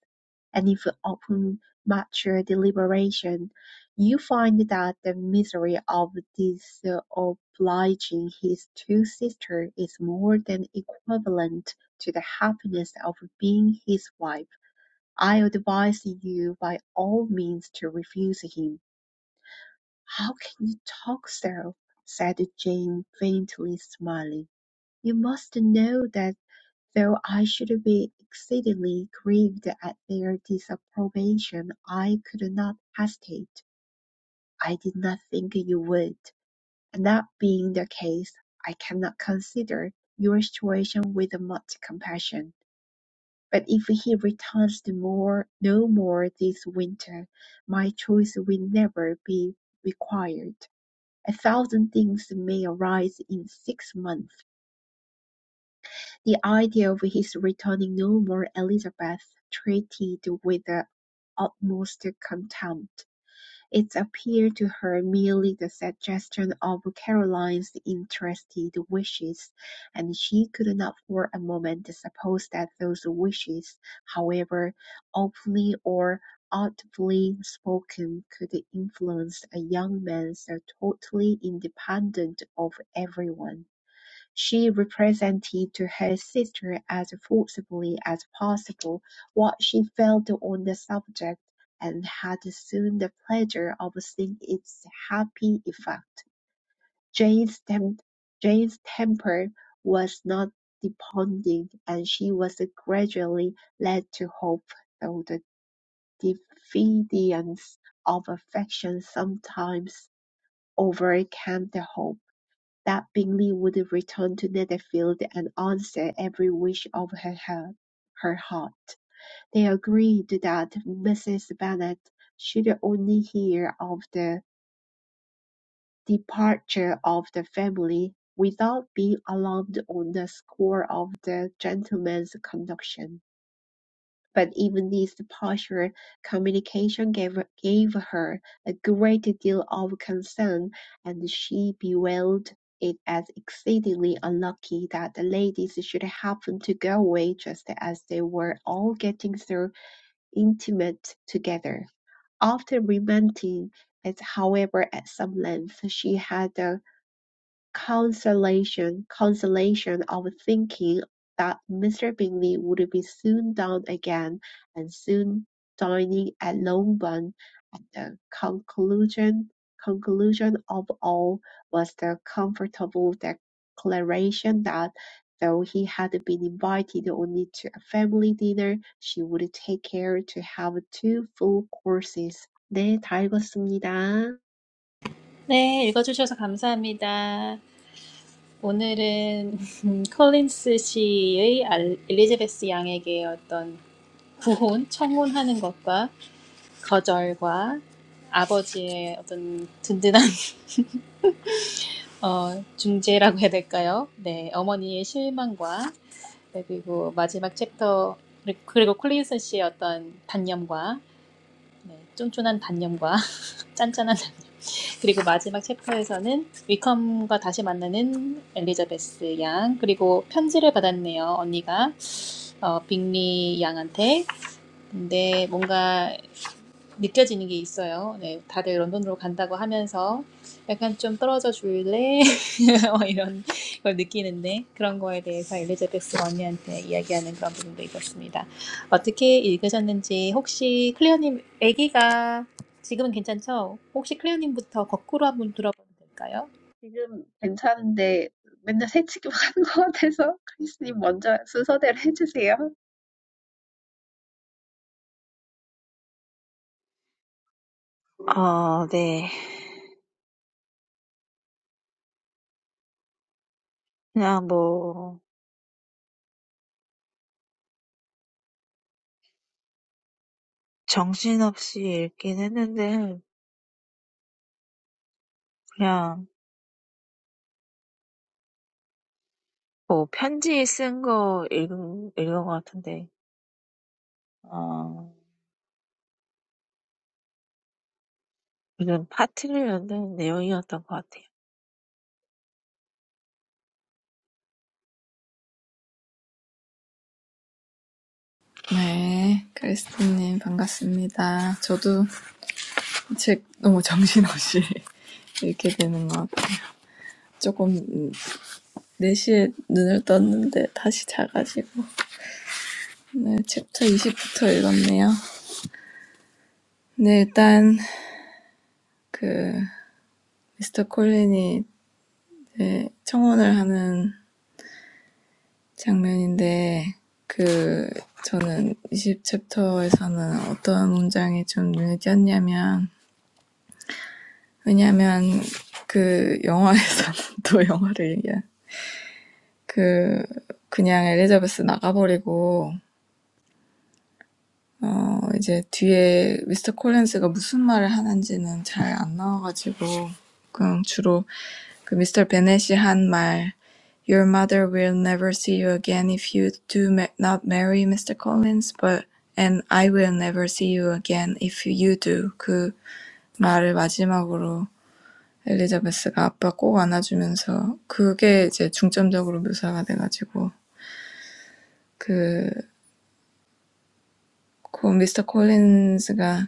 and if upon mature deliberation you find that the misery of disobliging his two sisters is more than equivalent to the happiness of being his wife, I advise you by all means to refuse him. How can you talk so? said Jane, faintly smiling. You must know that though I should be exceedingly grieved at their disapprobation, I could not hesitate. I did not think you would, and that being the case, I cannot consider your situation with much compassion. But if he returns to more, no more this winter, my choice will never be required. A thousand things may arise in six months. The idea of his returning no more Elizabeth treated with the utmost contempt. It appeared to her merely the suggestion of Caroline's interested wishes, and she could not for a moment suppose that those wishes, however openly or audibly spoken, could influence a young man so totally independent of everyone. She represented to her sister as forcibly as possible what she felt on the subject, and had soon the pleasure of seeing its happy effect. Jane's tem- Jane's temper was not depending, and she was gradually led to hope, though the diffidence of affection sometimes overcame the hope that Bingley would return to Netherfield and answer every wish of her heart. Her heart. They agreed that Mrs. Bennet should only hear of the departure of the family without being alarmed on the score of the gentleman's conduct. But even this partial communication gave, gave her a great deal of concern, and she bewailed it as exceedingly unlucky that the ladies should happen to go away just as they were all getting so intimate together. After lamenting it, however, at some length, she had a consolation, consolation of thinking that Mr. Bingley would be soon down again, and soon dining at Longbourn. At the conclusion conclusion of all was the comfortable declaration that though he had been invited only to a family dinner, she would take care to have two full courses. 네, 다 읽었습니다.
네, 읽어주셔서 감사합니다. 오늘은 컬린스 씨의 엘리자베스 양에게 어떤 구혼, 청혼하는 것과 거절과 아버지의 어떤 든든한 어, 중재라고 해야 될까요? 네, 어머니의 실망과 네, 그리고 마지막 챕터 그리- 그리고 콜린스 씨의 어떤 단념과 네, 쫀쫀한 단념과 짠짠한 그리고 마지막 챕터에서는 위컴과 다시 만나는 엘리자베스 양 그리고 편지를 받았네요 언니가 어, 빅리 양한테 근데 뭔가 느껴지는 게 있어요. 네, 다들 런던으로 간다고 하면서 약간 좀 떨어져 줄래? 이런 걸 느끼는데 그런 거에 대해서 엘리자베스 언니한테 이야기하는 그런 부분도 있었습니다. 어떻게 읽으셨는지 혹시 클레어님 아기가 지금은 괜찮죠? 혹시 클레어님부터 거꾸로 한번 들어봐도 될까요?
지금 괜찮은데 맨날 새치기만 하는 것 같아서 크리스님 먼저 순서대로 해주세요.
아, 네. 그냥 뭐, 정신없이 읽긴 했는데, 그냥 뭐 편지 쓴 거 읽은 읽은 것 같은데 어 무슨 파티를 연다는 내용이었던 것 같아요.
네 크리스티님 반갑습니다. 저도 책 너무 정신없이 이렇게 되는 것 같아요. 조금 음, 4시에 눈을 떴는데 다시 자가지고 네 챕터 이십부터 읽었네요. 네, 일단 그 미스터 콜린이 이제 청혼을 하는 장면인데 그 저는 이십 챕터에서는 어떤 문장이 좀 눈에 띄었냐면 왜냐면 그 영화에서는 또 영화를 얘기한 그 그냥 엘리자베스 나가버리고 어, 이제 뒤에 미스터 콜린스가 무슨 말을 하는지는 잘안 나와가지고, 그냥 주로 그 미스터 베넷이 한 말, Your mother will never see you again if you do ma- not marry Mr. Collins, but, and I will never see you again if you do. 그 말을 마지막으로 엘리자베스가 아빠 꼭 안아주면서 그게 이제 중점적으로 묘사가 돼가지고 그, 그 미스터 콜린스가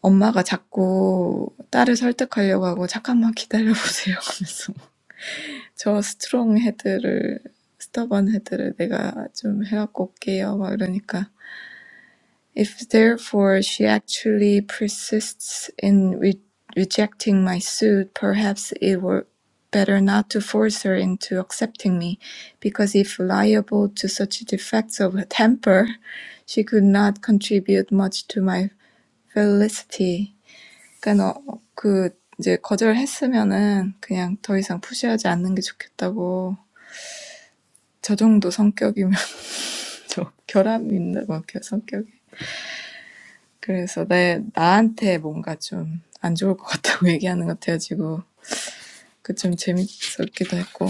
엄마가 자꾸 딸을 설득하려고 하고 "잠깐만 기다려 하면서 저 스트롱 헤드를 스터번 헤드를 내가 좀해 올게요. 막 이러니까 If therefore she actually persists in re- rejecting my suit, perhaps it were better not to force her into accepting me, because if liable to such defects of temper, she could not contribute much to my felicity. 그러니까 너, 그 이제 거절했으면은 그냥 더 이상 푸시하지 않는 게 좋겠다고. 저 정도 성격이면 좀 결함이 있는 봐, 그 성격이. 그래서 내 나한테 뭔가 좀안 좋을 것 같다고 얘기하는 것 같아가지고 그 좀 재밌었기도 했고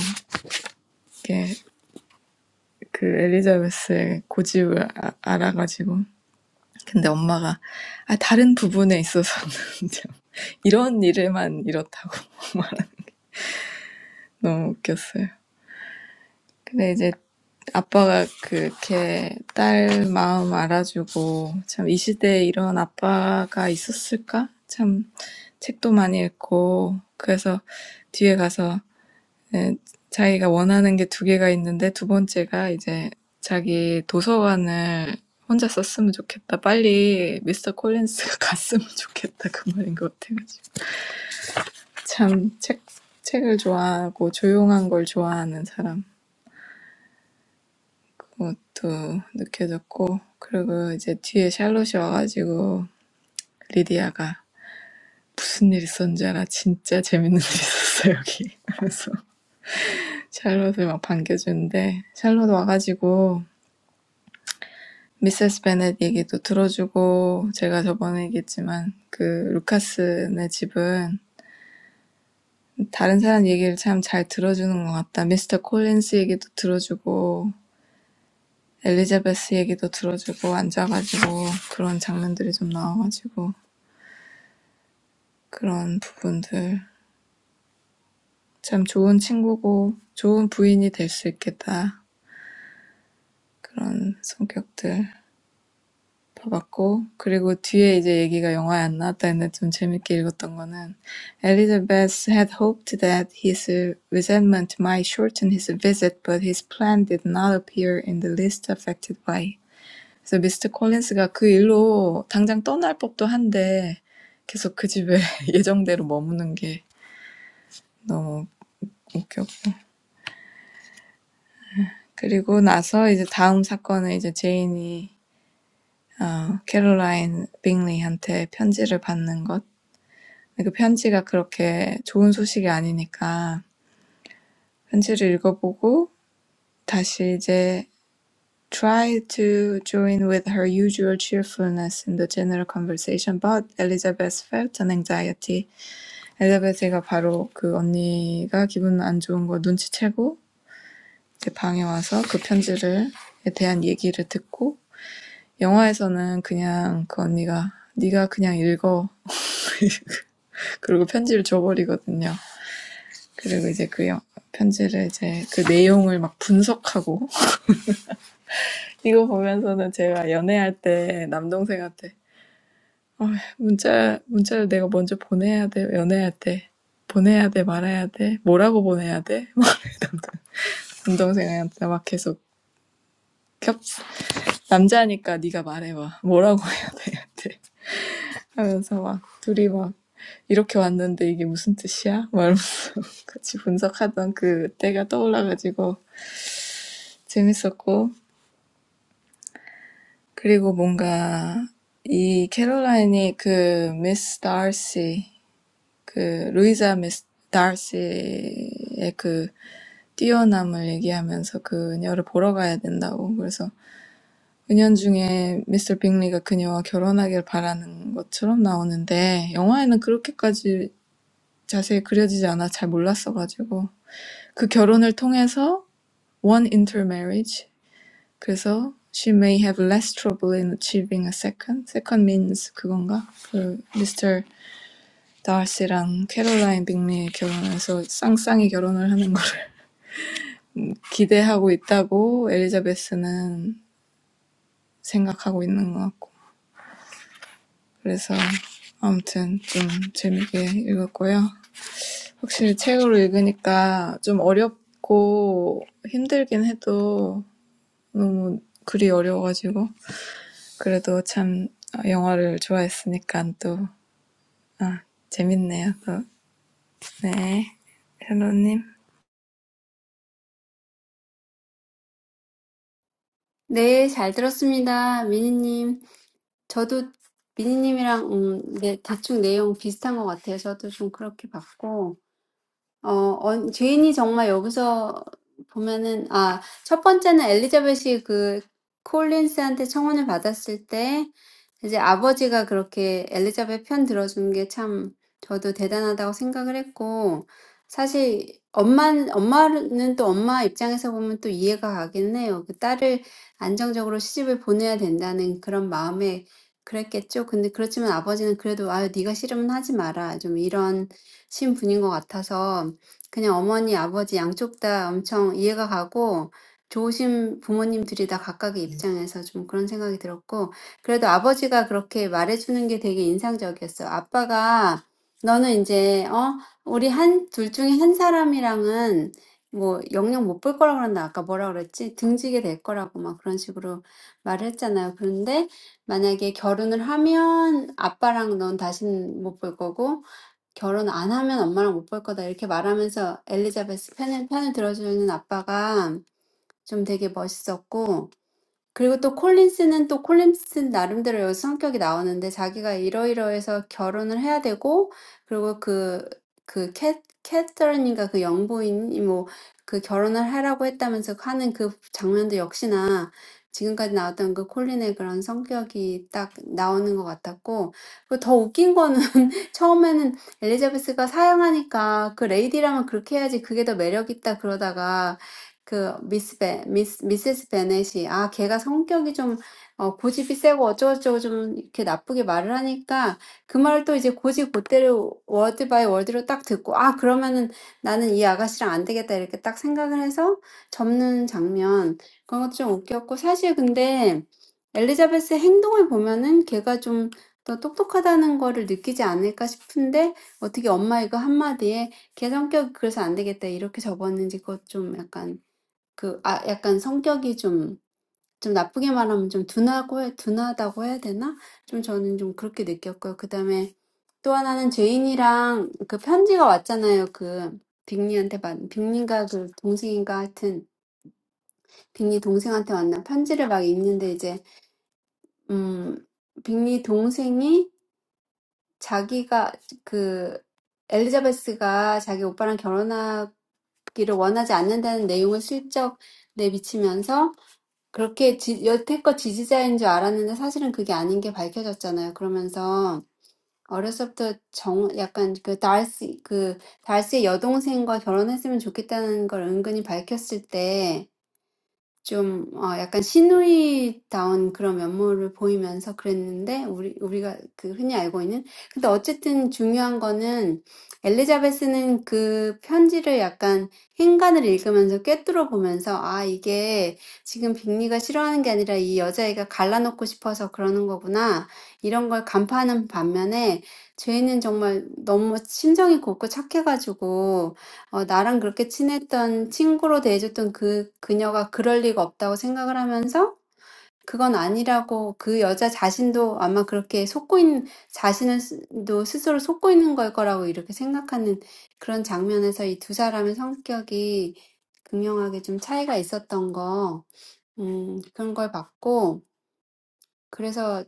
이게 그 엘리자베스의 고집을 아, 알아가지고 근데 엄마가 아, 다른 부분에 있어서는 좀 이런 일에만 이렇다고 너무 웃겼어요. 근데 이제 아빠가 그렇게 딸 마음 알아주고 참 이 시대에 이런 아빠가 있었을까? 참 책도 많이 읽고 그래서 뒤에 가서 예, 자기가 원하는 게두 개가 있는데 두 번째가 이제 자기 도서관을 혼자 썼으면 좋겠다. 빨리 미스터 콜린스가 갔으면 좋겠다. 그 말인 것 같아가지고. 참 책, 책을 좋아하고 조용한 걸 좋아하는 사람. 그것도 느껴졌고 그리고 이제 뒤에 샬롯이 와가지고 리디아가 무슨 일 있었는지 알아 진짜 재밌는 일 있었어 여기 그래서 샬롯을 막 반겨주는데 샬롯 와가지고 미세스 베넷 얘기도 들어주고 제가 저번에 얘기했지만 그 루카스네 집은 다른 사람 얘기를 참 잘 들어주는 것 같다 미스터 콜린스 얘기도 들어주고 엘리자베스 얘기도 들어주고 앉아가지고 그런 장면들이 좀 나와가지고 그런 부분들. 참 좋은 친구고 좋은 부인이 될수 있겠다. 그런 성격들 봐봤고 그리고 뒤에 이제 얘기가 영화에 안 나왔다 했는데 좀 재밌게 읽었던 거는 Elizabeth had hoped that his resentment might shorten his visit, but his plan did not appear in the least affected by. it. 그래서 미스터 콜린스가 그 일로 당장 떠날 법도 한데 계속 그 집에 예정대로 머무는 게 너무 웃겼고 그리고 나서 이제 다음 사건은 이제 제인이 어 캐롤라인 빙리한테 편지를 받는 것. 그 편지가 그렇게 좋은 소식이 아니니까 편지를 읽어보고 다시 이제 try to join with her usual cheerfulness in the general conversation, but Elizabeth felt an anxiety. 엘리베이터가 바로 그 언니가 기분 안 좋은 거 눈치채고 이제 방에 와서 그 편지를에 대한 얘기를 듣고 영화에서는 그냥 그 언니가 네가 그냥 읽어. 그리고 편지를 줘버리거든요. 그리고 이제 그 영- 편지를 이제 그 내용을 막 분석하고 이거 보면서는 제가 연애할 때 남동생한테 어, 문자 문자를 내가 먼저 보내야 돼 연애할 때 보내야 돼 말아야 돼 뭐라고 보내야 돼 막 남동생한테 막 계속 겹 남자니까 네가 말해봐 뭐라고 해야 돼 하면서 막 둘이 막 이렇게 왔는데 이게 무슨 뜻이야? 막 같이 분석하던 그 때가 떠올라가지고 재밌었고 그리고 뭔가 이 캐롤라인이 그 미스 다시 그 루이자 미스 다시의 그 뛰어남을 얘기하면서 그녀를 보러 가야 된다고 그래서 은연중에 미스터 빅리가 그녀와 결혼하길 바라는 것처럼 나오는데 영화에는 그렇게까지 자세히 그려지지 않아 잘 몰랐어가지고 그 결혼을 통해서 one intermarriage 그래서 she may have less trouble in achieving a second. second means 그건가? 그 Mr. 다시랑 캐롤라인 빅리의 결혼에서 쌍쌍이 결혼을 하는 거를 기대하고 있다고 엘리자베스는 생각하고 있는 것 같고 그래서 아무튼 좀 재밌게 읽었고요. 확실히 책으로 읽으니까 좀 어렵고 힘들긴 해도 너무 글이 어려워가지고 그래도 참 영화를 좋아했으니까 또 아, 재밌네요. 또. 네. 샬로님.
네, 잘 들었습니다. 미니님. 저도 미니님이랑 음, 네, 대충 내용 비슷한 것 같아요. 저도 좀 그렇게 봤고. 어, 언 죄인이 정말 여기서 보면은 아, 첫 번째는 엘리자벳이 그 콜린스한테 청혼을 받았을 때 이제 아버지가 그렇게 엘리자벳 편 들어준 게 참 저도 대단하다고 생각을 했고 사실 엄마 엄마는 또 엄마 입장에서 보면 또 이해가 가긴 해요. 그 딸을 안정적으로 시집을 보내야 된다는 그런 마음에 그랬겠죠. 근데 그렇지만 아버지는 그래도 아유 네가 싫으면 하지 마라. 좀 이런 신분인 것 같아서 그냥 어머니, 아버지 양쪽 다 엄청 이해가 가고 좋으신 부모님들이 다 각각의 네. 입장에서 좀 그런 생각이 들었고, 그래도 아버지가 그렇게 말해주는 게 되게 인상적이었어요. 아빠가 너는 이제, 어, 우리 한, 둘 중에 한 사람이랑은 뭐 영영 못 볼 거라 그랬나? 아까 뭐라 그랬지? 등지게 될 거라고 막 그런 식으로 말을 했잖아요. 그런데 만약에 결혼을 하면 아빠랑 넌 다시는 못볼 거고, 결혼 안 하면 엄마랑 못 볼 거다 이렇게 말하면서 엘리자베스 편을, 편을 들어주는 아빠가 좀 되게 멋있었고 그리고 또 콜린스는 또 콜린스 나름대로 여기서 성격이 나오는데 자기가 이러이러해서 결혼을 해야 되고 그리고 그, 그 캐, 캐서린인가 그 영부인이 뭐 그 결혼을 하라고 했다면서 하는 그 장면도 역시나 지금까지 나왔던 그 콜린의 그런 성격이 딱 나오는 것 같았고 그리고 더 웃긴 거는 처음에는 엘리자베스가 사양하니까 그 레이디라면 그렇게 해야지 그게 더 매력 있다 그러다가 Miss Bennet, Misses Bennet, she, ah, she has a stubborn personality and she talks badly. When she hears the word "by word," she thinks, "If I don't get along with this lady, I won't be able to get along with her." That was funny. But when Elizabeth acts, she seems smart. I wonder if she was thinking that her mother's words were wrong. 그, 아, 약간 성격이 좀, 좀 나쁘게 말하면 좀 둔하고, 해- 둔하다고 해야 되나? 좀 저는 좀 그렇게 느꼈고요. 그 다음에 또 하나는 제인이랑 그 편지가 왔잖아요. 그, 빅리한테, 받- 빅리인가 그 동생인가 하여튼, 빅리 동생한테 왔나? 편지를 막 읽는데 이제, 음, 빅리 동생이 자기가 그, 엘리자베스가 자기 오빠랑 결혼하기를 원하지 않는다는 내용을 슬쩍 내비치면서 그렇게 지, 여태껏 지지자인 줄 알았는데 사실은 그게 아닌 게 밝혀졌잖아요. 그러면서 어렸을 때부터 정, 약간 그 달씨, 그 달씨의 여동생과 결혼했으면 좋겠다는 걸 은근히 밝혔을 때 좀 어, 약간 시누이다운 그런 면모를 보이면서 그랬는데 우리 우리가 그 흔히 알고 있는 근데 어쨌든 중요한 거는 엘리자베스는 그 편지를 약간 행간을 읽으면서 꿰뚫어 보면서 아 이게 지금 빅리가 싫어하는 게 아니라 이 여자애가 갈라놓고 싶어서 그러는 거구나 이런 걸 간파하는 반면에 죄인은 정말 너무 심정이 곱고 착해가지고 어, 나랑 그렇게 친했던 친구로 대해줬던 그 그녀가 그럴 리가 없다고 생각을 하면서 그건 아니라고 그 여자 자신도 아마 그렇게 속고 있는, 자신을 스- 도 스스로 속고 있는 걸 거라고 이렇게 생각하는 그런 장면에서 이두 사람의 성격이 극명하게 좀 차이가 있었던 거, 음, 그런 걸 봤고, 그래서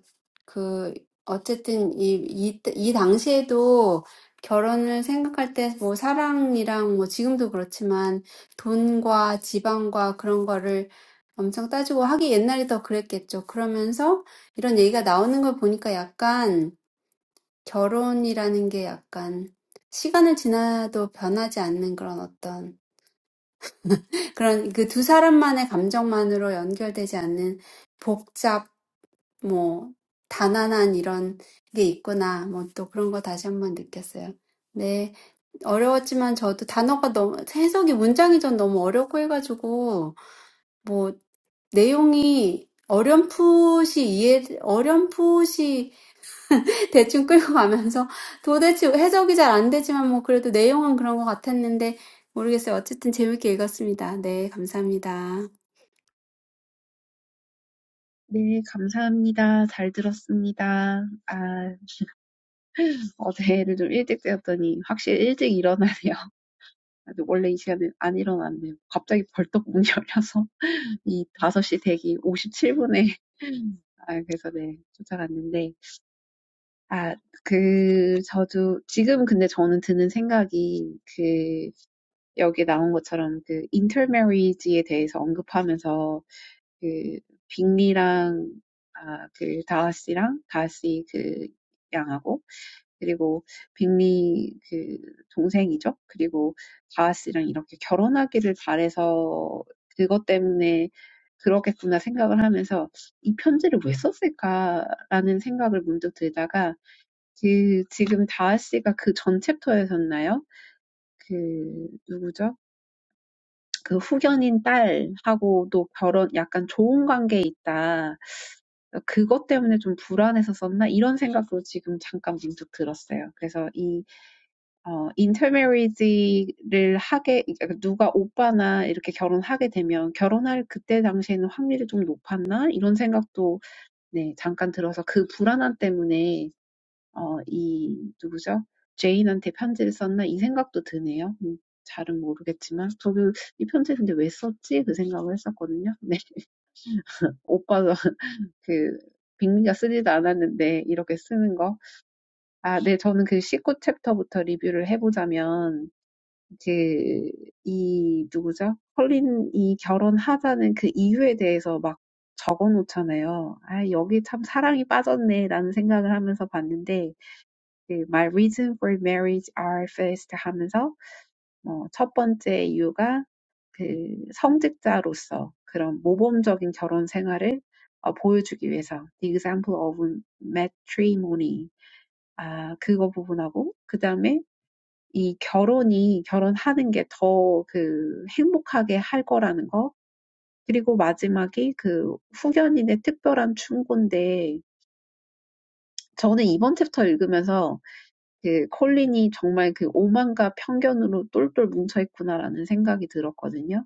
그 어쨌든 이, 이, 이 당시에도 결혼을 생각할 때뭐 사랑이랑 뭐 지금도 그렇지만 돈과 지방과 그런 거를 엄청 따지고 하기 옛날에 더 그랬겠죠. 그러면서 이런 얘기가 나오는 걸 보니까 약간 결혼이라는 게 약간 시간을 지나도 변하지 않는 그런 어떤 그런 그두 사람만의 감정만으로 연결되지 않는 복잡 뭐, 단안한 이런 게 있구나. 뭐, 또 그런 거 다시 한번 느꼈어요. 네. 어려웠지만 저도 단어가 너무, 해석이 문장이 전 너무 어렵고 해가지고, 뭐, 내용이 어렴풋이 이해, 어렴풋이 대충 끌고 가면서 도대체 해석이 잘안 되지만 뭐, 그래도 내용은 그런 것 같았는데, 모르겠어요. 어쨌든 재밌게 읽었습니다. 네. 감사합니다.
네, 감사합니다. 잘 들었습니다. 아, 어제를 좀 일찍 깨웠더니 확실히 일찍 일어나네요. 아주 원래 이 시간에 안일어났네요 갑자기 벌떡 문이 열려서 이 5시 대기 57분에 아, 그래서 네, 쫓아갔는데 아, 그, 저도, 지금 근데 저는 드는 생각이, 그, 여기 나온 것처럼 그 인터메리지에 대해서 언급하면서 그 빅리랑 아, 그 다하씨랑 다하씨 그 양하고 그리고 빅리 그 동생이죠. 그리고 다하씨랑 이렇게 결혼하기를 바래서 그것 때문에 그렇겠구나 생각을 하면서 이 편지를 왜 썼을까라는 생각을 문득 들다가 그 지금 다하 씨가 그 전 챕터에서였나요? 그 누구죠? 그 후견인 딸하고도 결혼 약간 좋은 관계에 있다. 그것 때문에 좀 불안해서 썼나? 이런 생각도 지금 잠깐 문득 들었어요. 그래서 이, 어, intermarriage를 하게, 그러니까 누가 오빠나 이렇게 결혼하게 되면 결혼할 그때 당시에는 확률이 좀 높았나? 이런 생각도, 네, 잠깐 들어서 그 불안함 때문에, 어, 이, 누구죠? 제인 썼나? 이 음, 잘했지. 이편 생각을요. 네. 저도 그 빅리가 쓰지도 않았는데 이렇게 쓰는 거. 아, 네. 저는 그 19챕터부터 리뷰를 해보자면 그 이 누구죠? 컬린 이 결혼하자는 그 이유에 대해서 막 적어놓잖아요. 아, 여기 참 사랑이 빠졌네라는 생각을 하면서 봤는데 그 My reason for marriage are first 하면서 어, 첫 번째 이유가 그 성직자로서 그런 모범적인 결혼 생활을 어, 보여주기 위해서 The Example of Matrimony 아, 그거 부분하고, 그 다음에 이 결혼이, 결혼하는 게 더 그 행복하게 할 거라는 거, 그리고 마지막이 그 후견인의 특별한 충고인데, 저는 이번 챕터 읽으면서 그 콜린이 정말 그 오만과 편견으로 똘똘 뭉쳐있구나라는 생각이 들었거든요.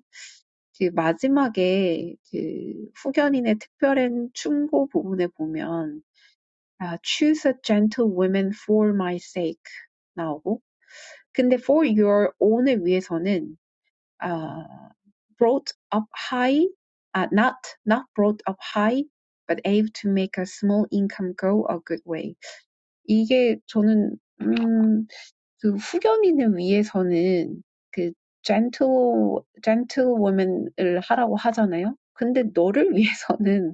그 마지막에 그 후견인의 특별한 충고 부분에 보면 아, choose a gentle woman for my sake 나오고 근데 for your own을 위해서는 아, brought up high, 아, not not brought up high, but able to make a small income go a good way. 이게 저는 음, 그 후견인을 위해서는 그 gentle gentlewoman을 하라고 하잖아요. 근데 너를 위해서는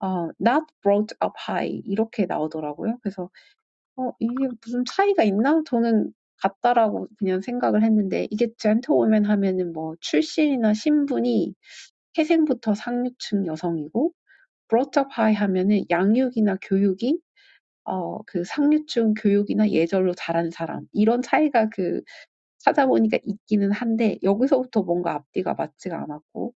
어, not brought up high 이렇게 나오더라고요. 그래서 어, 이게 무슨 차이가 있나? 저는 같다라고 그냥 생각을 했는데 이게 gentlewoman 하면은 뭐 출신이나 신분이 태생부터 상류층 여성이고 brought up high 하면은 양육이나 교육이 어, 그 상류층 교육이나 예절로 자란 사람. 이런 차이가 그 찾아보니까 있기는 한데 여기서부터 뭔가 앞뒤가 맞지가 않았고.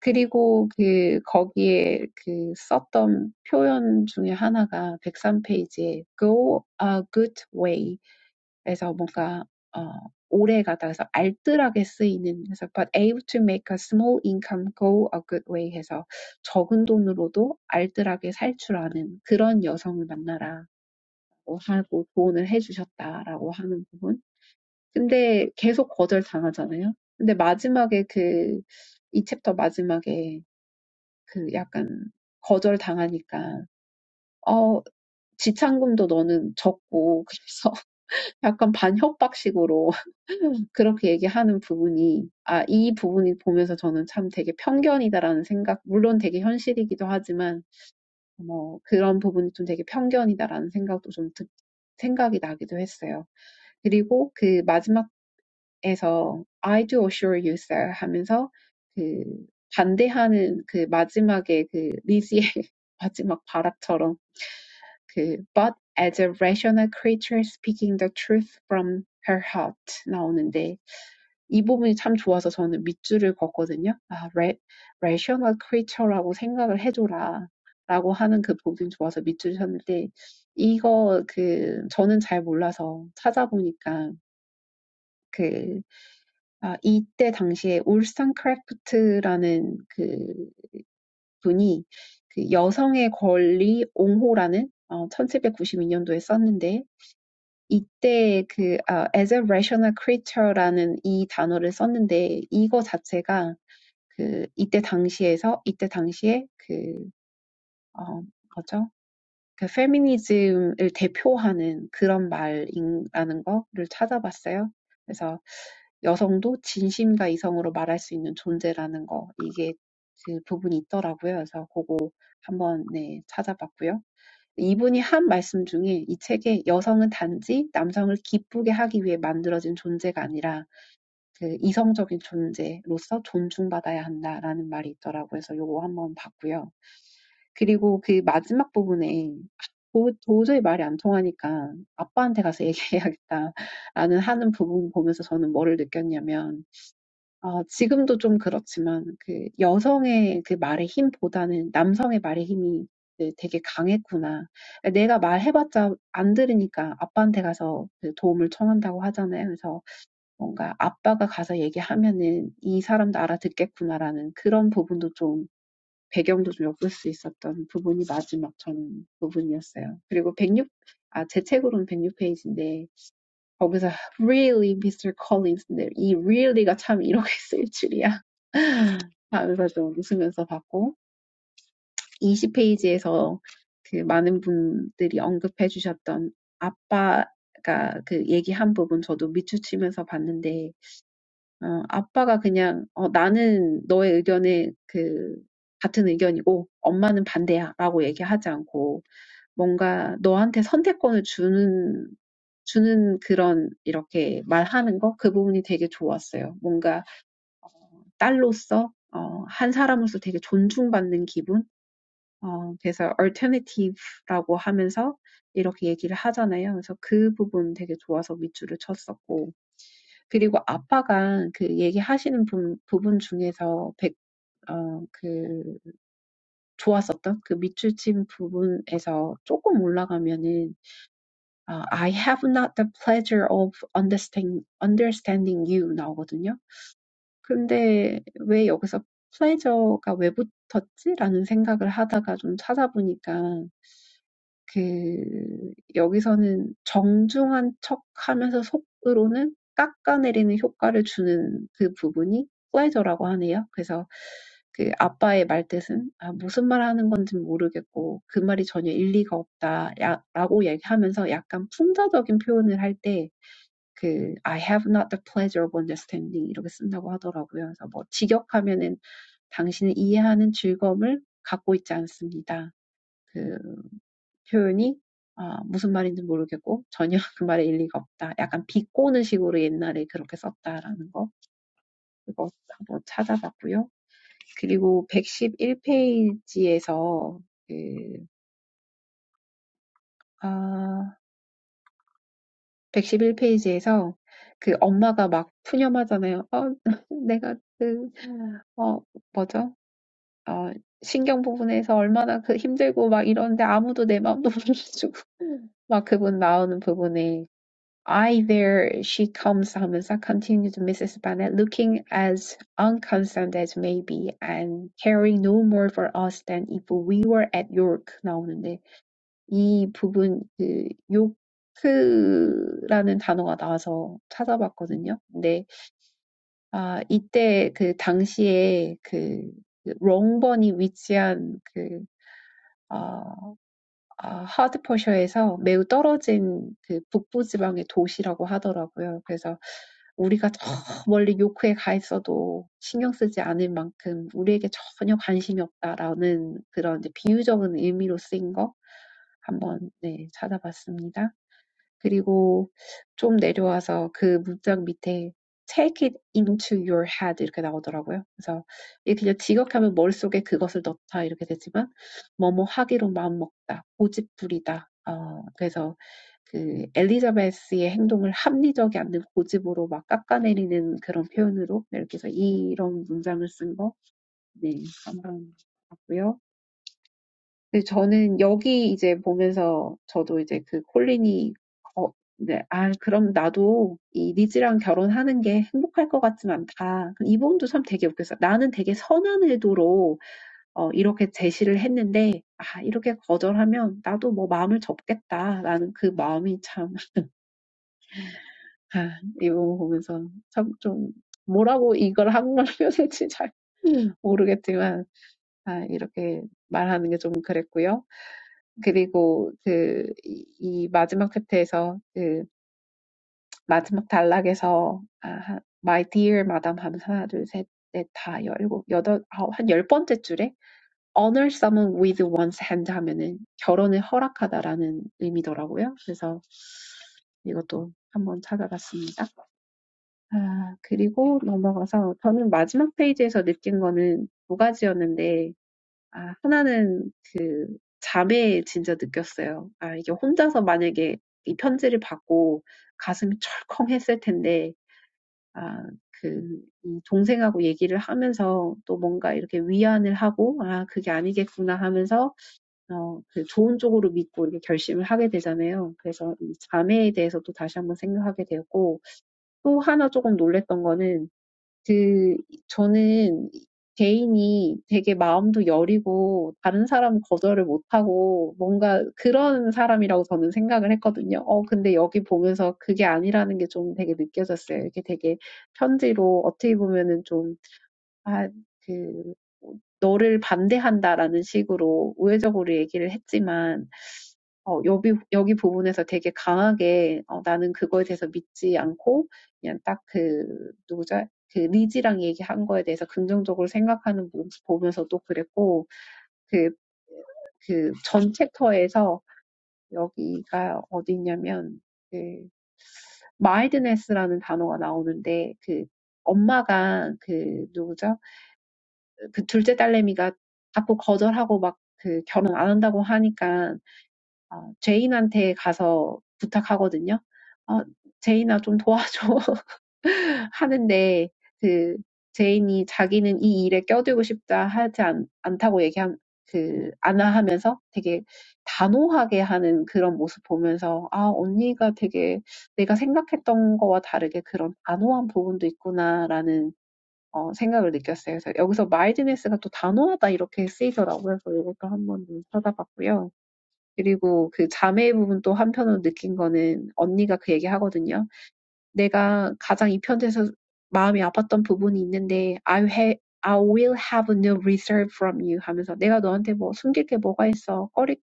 그리고 그 거기에 그 썼던 표현 중에 하나가 103페이지에 go a good way에서 뭔가 어 오래 가다 해서 알뜰하게 쓰이는 해서 but able to make a small income go a good way 해서 적은 돈으로도 알뜰하게 살출하는 그런 여성을 만나라. 어, 하고 조언을 해주셨다라고 하는 부분. 근데 계속 거절당하잖아요. 근데 마지막에 그, 이 챕터 마지막에 그 약간 거절당하니까, 어, 지참금도 너는 적고, 그래서 약간 반협박식으로 그렇게 얘기하는 부분이, 아, 이 부분이 보면서 저는 참 되게 편견이다라는 생각, 물론 되게 현실이기도 하지만, 뭐 그런 부분이 좀 되게 편견이다라는 생각도 좀 드, 생각이 나기도 했어요. 그리고 그 마지막에서 I do assure you, sir 하면서 그 반대하는 그 마지막에 그 리지의 마지막 발악처럼 그 but as a rational creature speaking the truth from her heart 나오는데 이 부분이 참 좋아서 저는 밑줄을 걷거든요. 아, ra- rational creature라고 생각을 해줘라. 라고 하는 그 보긴 좋아서 밑줄 쳤는데 이거 그 저는 잘 몰라서 찾아보니까 그 아, 이때 당시에 울산 크래프트라는 그 분이 그 여성의 권리 옹호라는 어, 1792년도에 썼는데 이때 그 아, as a rational creature라는 이 단어를 썼는데 이거 자체가 그 이때 당시에서 이때 당시에 그 어, 뭐죠? 그 페미니즘을 대표하는 그런 말이라는 거를 찾아봤어요. 그래서 여성도 진심과 이성으로 말할 수 있는 존재라는 거, 이게 그 부분이 있더라고요. 그래서 그거 한번 네, 찾아봤고요. 이분이 한 말씀 중에 이 책에 여성은 단지 남성을 기쁘게 하기 위해 만들어진 존재가 아니라 그 이성적인 존재로서 존중받아야 한다라는 말이 있더라고요. 그래서 요거 한번 봤고요. 그리고 그 마지막 부분에 도, 도저히 말이 안 통하니까 아빠한테 가서 얘기해야겠다라는 하는 부분 보면서 저는 뭐를 느꼈냐면, 어, 지금도 좀 그렇지만 그 여성의 그 말의 힘보다는 남성의 말의 힘이 네, 되게 강했구나. 내가 말해봤자 안 들으니까 아빠한테 가서 그 도움을 청한다고 하잖아요. 그래서 뭔가 아빠가 가서 얘기하면은 이 사람도 알아듣겠구나라는 그런 부분도 좀 배경도 좀 엿볼 수 있었던 부분이 마지막 전 부분이었어요. 그리고 1 6 아, 제 책으로는 106페이지인데, 거기서 really Mr. Collins, 인데이 really가 참 이렇게 쓸 줄이야. 하면서 좀 웃으면서 봤고, 20페이지에서 그 많은 분들이 언급해 주셨던 아빠가 그 얘기한 부분 저도 밑추치면서 봤는데, 어, 아빠가 그냥, 어, 나는 너의 의견에 그, 같은 의견이고 엄마는 반대야라고 얘기하지 않고 뭔가 너한테 선택권을 주는 주는 그런 이렇게 말하는 거 그 부분이 되게 좋았어요. 뭔가 딸로서 어, 한 사람으로서 되게 존중받는 기분. 어, 그래서 alternative라고 하면서 이렇게 얘기를 하잖아요. 그래서 그 부분 되게 좋아서 밑줄을 쳤었고. 그리고 아빠가 그 얘기하시는 부, 부분 중에서 백, 어, 그 좋았었던 그 밑줄 친 부분에서 조금 올라가면은 어, I have not the pleasure of understand, understanding you 나오거든요. 근데 왜 여기서 pleasure가 왜 붙었지라는 생각을 하다가 좀 찾아보니까 그 여기서는 정중한 척하면서 속으로는 깎아내리는 효과를 주는 그 부분이 플레저라고 하네요. 그래서 그 아빠의 말뜻은 아, 무슨 말 하는 건지 모르겠고 그 말이 전혀 일리가 없다 라고 얘기하면서 약간 풍자적인 표현을 할때그 I have not the pleasure of understanding 이렇게 쓴다고 하더라고요. 그래서 뭐 직역하면은 당신은 이해하는 즐거움을 갖고 있지 않습니다. 표현이 아, 무슨 말인지 모르겠고 전혀 그 말에 일리가 없다. 약간 비꼬는 식으로 옛날에 그렇게 썼다라는 거 그거 한번 찾아봤고요. 그리고 111페이지에서 그, 아, 111페이지에서 그 엄마가 막 푸념하잖아요. 어, 내가 그, 어, 뭐죠? 어, 신경 부분에서 얼마나 그 힘들고 막 이러는데 아무도 내 마음도 몰라주고 막 그분 나오는 부분에 a there she comes 하면서 continued Mrs. Bennet, looking as unconcerned as may be, and caring no more for us than if we were at York 나오는데 이 부분 그 요크라는 단어가 나와서 찾아봤거든요. 근데 아 이때 그 당시에 그 그 롱번이 위치한 그아 아하드퍼셔에서 매우 떨어진 그 북부 지방의 도시라고 하더라고요. 그래서 우리가 저 멀리 요크에 가 있어도 신경 쓰지 않을 만큼 우리에게 전혀 관심이 없다라는 그런 이제 비유적인 의미로 쓰인 거 한번 네, 찾아봤습니다. 그리고 좀 내려와서 그 문장 밑에 take it into your head 이렇게 나오더라고요. 그래서 이게 그냥 직역하면 머릿속에 그것을 넣다 이렇게 되지만 뭐뭐 하기로 마음먹다, 고집부리다. 어, 그래서 그 엘리자베스의 행동을 합리적이 않는 고집으로 막 깎아내리는 그런 표현으로 이렇게 해서 이런 문장을 쓴 거, 네, 한번 봤고요. 근데 저는 여기 이제 보면서 저도 이제 그 콜린이 어, 네, 아, 그럼 나도 이 리즈랑 결혼하는 게 행복할 것 같지는 않다. 이 부분도 참 되게 웃겼어요. 나는 되게 선한 의도로 어, 이렇게 제시를 했는데, 아, 이렇게 거절하면 나도 뭐 마음을 접겠다라는 그 마음이 참, 아, 이 부분 보면서 참 좀 뭐라고 이걸 한국말로 표현할지 잘 모르겠지만, 아, 이렇게 말하는 게 좀 그랬고요. 그리고 그, 이, 이 마지막 챕터에서 그 마지막 단락에서 아, My dear madam 하면서 하나, 둘, 셋, 넷, 다 열고 여덟, 아홉, 한열 번째 줄에 honor someone with one's hand 하면은 결혼을 허락하다라는 의미더라고요. 그래서 이것도 한번 찾아봤습니다. 아, 그리고 넘어가서 저는 마지막 페이지에서 느낀 거는 두 가지였는데 아, 하나는 잠에 진짜 느꼈어요. 아 이게 혼자서 만약에 이 편지를 받고 가슴이 철컹했을 텐데 아그이 동생하고 얘기를 하면서 또 뭔가 이렇게 위안을 하고 '아 그게 아니겠구나.' 하면서 어그 좋은 쪽으로 믿고 이렇게 결심을 하게 되잖아요. 그래서 이 자매에 대해서 또 다시 한번 생각하게 되었고 또 하나 조금 놀랐던 거는 그 저는 개인이 되게 마음도 여리고 다른 사람 거절을 못하고 뭔가 그런 사람이라고 저는 생각을 했거든요. 어, 근데 여기 보면서 그게 아니라는 게 좀 되게 느껴졌어요. 이게 되게 편지로 어떻게 보면은 좀 아, 그, 뭐, 너를 반대한다라는 식으로 우회적으로 얘기를 했지만, 어, 여기, 여기 부분에서 되게 강하게, 어, 나는 그거에 대해서 믿지 않고, 그냥 딱 그, 누구죠? 그 리지랑 얘기한 거에 대해서 긍정적으로 생각하는 모습 보면서도 그랬고, 그, 그 전 챕터에서 여기가 어디냐면, 그, mildness라는 단어가 나오는데, 그, 엄마가 그, 누구죠? 그 둘째 딸내미가 자꾸 거절하고 막그 결혼 안 한다고 하니까 어, 제인한테 가서 부탁하거든요. 어, 제인아 좀 도와줘 하는데 그 제인이 자기는 이 일에 껴들고 싶다 하지 않, 않다고 얘기한 그 안아하면서 되게 단호하게 하는 그런 모습 보면서 아 언니가 되게 내가 생각했던 거와 다르게 그런 단호한 부분도 있구나라는 어, 생각을 느꼈어요. 그래서 여기서 mildness가 또 단호하다 이렇게 쓰이더라고요. 그래서 이것도 한번 찾아봤고요. 그리고 그 자매의 부분 또 한편으로 느낀 거는 언니가 그 얘기 하거든요. 내가 가장 이 편에서 마음이 아팠던 부분이 있는데 I have I will have no reserve from you 하면서 내가 너한테 뭐 숨길 게 뭐가 있어 꺼리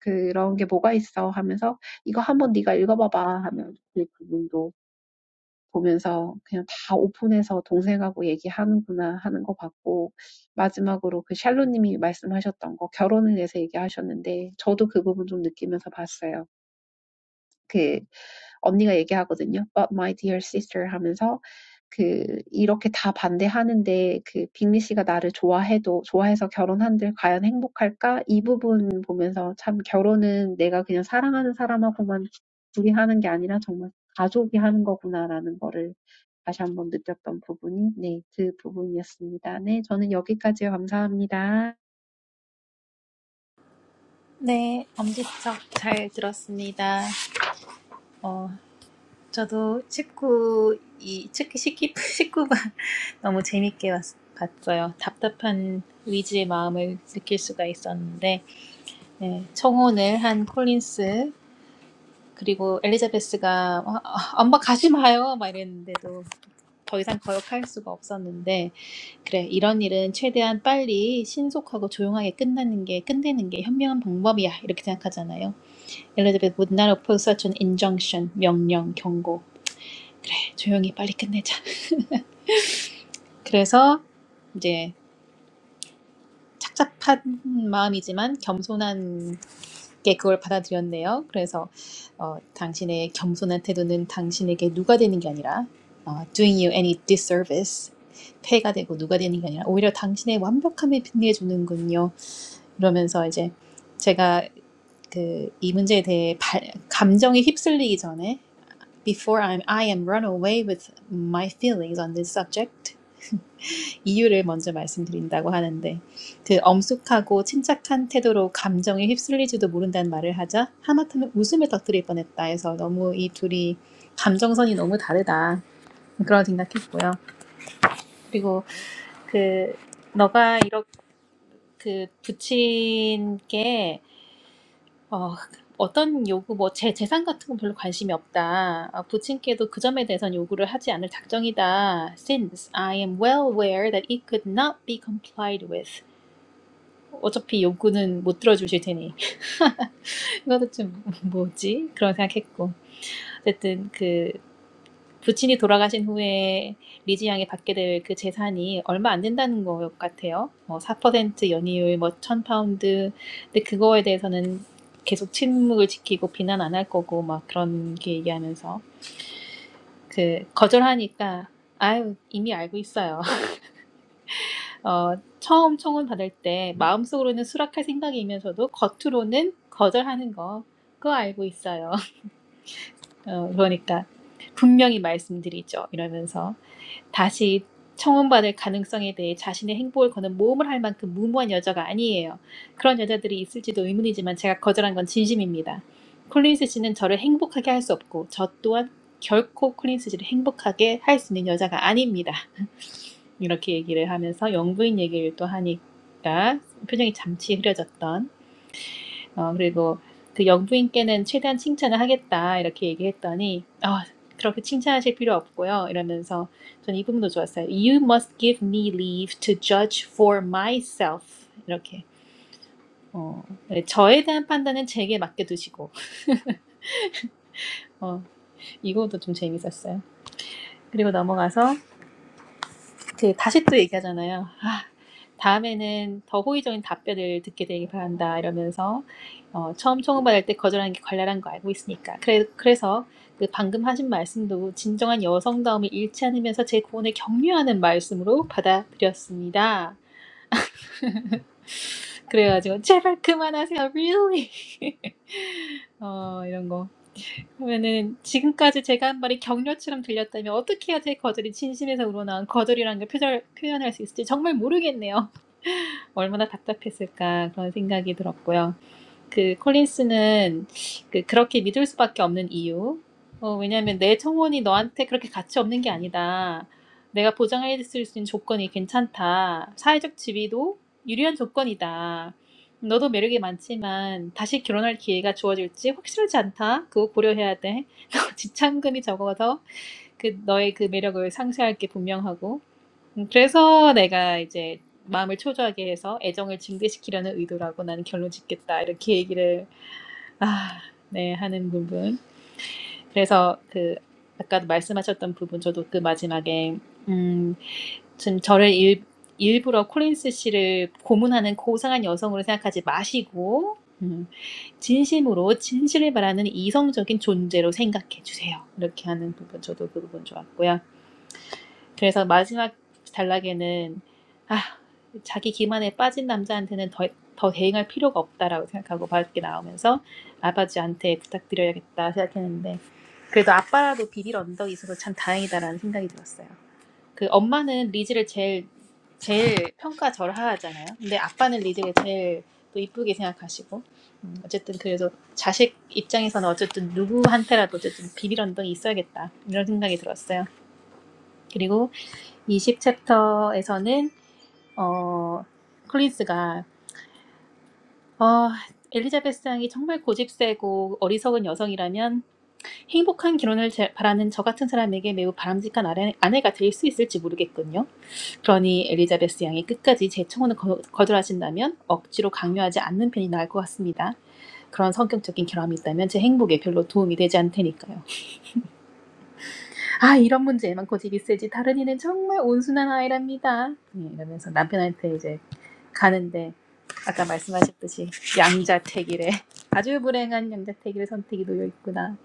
그런 게 뭐가 있어 하면서 이거 한번 네가 읽어봐봐 하면 그 부분도 보면서 그냥 다 오픈해서 동생하고 얘기하는구나 하는 거 봤고, 마지막으로 그 샬로님이 말씀하셨던 거, 결혼에 대해서 얘기하셨는데, 저도 그 부분 좀 느끼면서 봤어요. 그 언니가 얘기하거든요. But my dear sister 하면서 그 이렇게 다 반대하는데 그 빅리 씨가 나를 좋아해도 좋아해서 결혼한들 과연 행복할까? 이 부분 보면서 참 결혼은 내가 그냥 사랑하는 사람하고만 둘이 하는 게 아니라 정말 가족이 하는 거구나라는 거를 다시 한번 느꼈던 부분이 네, 그 부분이었습니다. 네, 저는 여기까지요. 감사합니다.
네, 엄지척 잘 들었습니다. 어, 저도 십구 이, 특히 십9번 너무 재밌게 봤- 어요 답답한 위즈의 마음을 느낄 수가 있었는데, 네, 청혼을 한 콜린스, 그리고 엘리자베스가, 어, 어, 엄마 가지 마요! 막 이랬는데도 더 이상 거역할 수가 없었는데, 그래, 이런 일은 최대한 빨리 신속하고 조용하게 끝나는 게, 끝내는 게 현명한 방법이야. 이렇게 생각하잖아요. 엘리자베스 would not oppose such an injunction, 명령, 경고. 그래, 조용히 빨리 끝내자. 그래서 이제 착잡한 마음이지만 겸손한 게 그걸 받아들였네요. 그래서 어, 당신의 겸손한 태도는 당신에게 누가 되는 게 아니라 어, doing you any disservice 폐가 되고 누가 되는 게 아니라 오히려 당신의 완벽함에 빛내 주는군요. 이러면서 이제 제가 그 이 문제에 대해 발, 감정에 휩쓸리기 전에 Before I'm, I am run away with my feelings on this subject 이유를 먼저 말씀드린다고 하는데 그 엄숙하고 침착한 태도로 감정에 휩쓸릴지도 모른다는 말을 하자 하마터면 웃음을 터뜨릴 뻔했다 해서 너무 이 둘이 감정선이 너무 다르다 그런 생각했고요. 그리고 그 너가 이렇게 그 부친께 어, 어떤 요구 뭐 제 재산 같은 건 별로 관심이 없다. 어, 부친께도 그 점에 대해선 요구를 하지 않을 작정이다. Since I am well aware that it could not be complied with. 어차피 욕구는 못 들어주실 테니 이것도 좀 뭐지? 그런 생각했고 어쨌든 그 부친이 돌아가신 후에 리지 양이 받게 될 그 재산이 얼마 안 된다는 것 같아요. 뭐4% 연이율, 뭐 1000파운드. 근데 그거에 대해서는 계속 침묵을 지키고 비난 안 할 거고 막 그런 게 얘기하면서 그 거절하니까 아유 이미 알고 있어요. 어, 처음 청혼 받을 때 마음속으로는 수락할 생각이면서도 겉으로는 거절하는 거 그거 알고 있어요. 어, 그러니까 분명히 말씀드리죠. 이러면서 다시 청혼받을 가능성에 대해 자신의 행복을 거는 모험을 할 만큼 무모한 여자가 아니에요. 그런 여자들이 있을지도 의문이지만 제가 거절한 건 진심입니다. 콜린스 씨는 저를 행복하게 할 수 없고 저 또한 결코 콜린스 씨를 행복하게 할 수 있는 여자가 아닙니다. 이렇게 얘기를 하면서 영부인 얘기를 또 하니까 표정이 잠시 흐려졌던 어, 그리고 그 영부인께는 최대한 칭찬을 하겠다 이렇게 얘기했더니 어, 그렇게 칭찬하실 필요 없고요 이러면서 전 이 부분도 좋았어요. You must give me leave to judge for myself 이렇게 어, 네, 저에 대한 판단은 제게 맡겨두시고 어, 이것도 좀 재밌었어요. 그리고 넘어가서 그 다시 또 얘기하잖아요. 아, 다음에는 더 호의적인 답변을 듣게 되길 바란다 이러면서 어, 처음 청구받을 때 거절하는 게 관례란 거 알고 있으니까. 그래, 그래서 그 방금 하신 말씀도 진정한 여성다움을 잃지 않으면서 제 고언을 격려하는 말씀으로 받아들였습니다. 그래가지고 제발 그만하세요, really. 어, 이런 거. 그러면은 지금까지 제가 한 말이 격려처럼 들렸다면 어떻게 해야 제 거절이 진심에서 우러나온 거절이라는 걸 표절, 표현할 수 있을지 정말 모르겠네요. 얼마나 답답했을까 그런 생각이 들었고요. 그 콜린스는 그 그렇게 믿을 수밖에 없는 이유. 어, 왜냐하면 내 청혼이 너한테 그렇게 가치 없는 게 아니다. 내가 보장해 줄수 있는 조건이 괜찮다. 사회적 지위도 유리한 조건이다. 너도 매력이 많지만 다시 결혼할 기회가 주어질지 확실하지 않다. 그거 고려해야 돼. 너 지참금이 적어서 그 너의 그 매력을 상쇄할 게 분명하고 음, 그래서 내가 이제 마음을 초조하게 해서 애정을 증대시키려는 의도라고 나는 결론 짓겠다 이렇게 얘기를 아, 네 하는 부분 그래서 그 아까도 말씀하셨던 부분 저도 그 마지막에 음, 지금 저를 일, 일부러 콜린스 씨를 고문하는 고상한 여성으로 생각하지 마시고 음, 진심으로 진실을 바라는 이성적인 존재로 생각해 주세요 이렇게 하는 부분 저도 그 부분 좋았고요 그래서 마지막 단락에는 아, 자기 기만에 빠진 남자한테는 더, 더 대응할 필요가 없다라고 생각하고 밖에 나오면서 아버지한테 부탁드려야겠다 생각했는데 그래도 아빠라도 비빌 언덕이 있어서 참 다행이다라는 생각이 들었어요. 그 엄마는 리즈를 제일 제일 평가절하하잖아요. 근데 아빠는 리즈를 제일 또 이쁘게 생각하시고 음, 어쨌든 그래서 자식 입장에서는 어쨌든 누구한테라도 어쨌든 비빌 언덕이 있어야겠다 이런 생각이 들었어요. 그리고 20챕터에서는 어, 콜린스가 어, 엘리자베스 양이 정말 고집세고 어리석은 여성이라면 행복한 결혼을 바라는 저 같은 사람에게 매우 바람직한 아내, 가될 수 있을지 모르겠군요. 그러니 엘리자베스 양이 끝까지 제 청혼을 거, 거절하신다면 억지로 강요하지 않는 편이 나을 것 같습니다. 그런 성격적인 결함이 있다면 제 행복에 별로 도움이 되지 않을 테니까요. 아 이런 문제에만 고집이 세지 다른 이는 정말 온순한 아이랍니다. 예, 이러면서 남편한테 이제 가는데 아까 말씀하셨듯이 양자택일에 아주 불행한 양자택일의 선택이 놓여 있구나.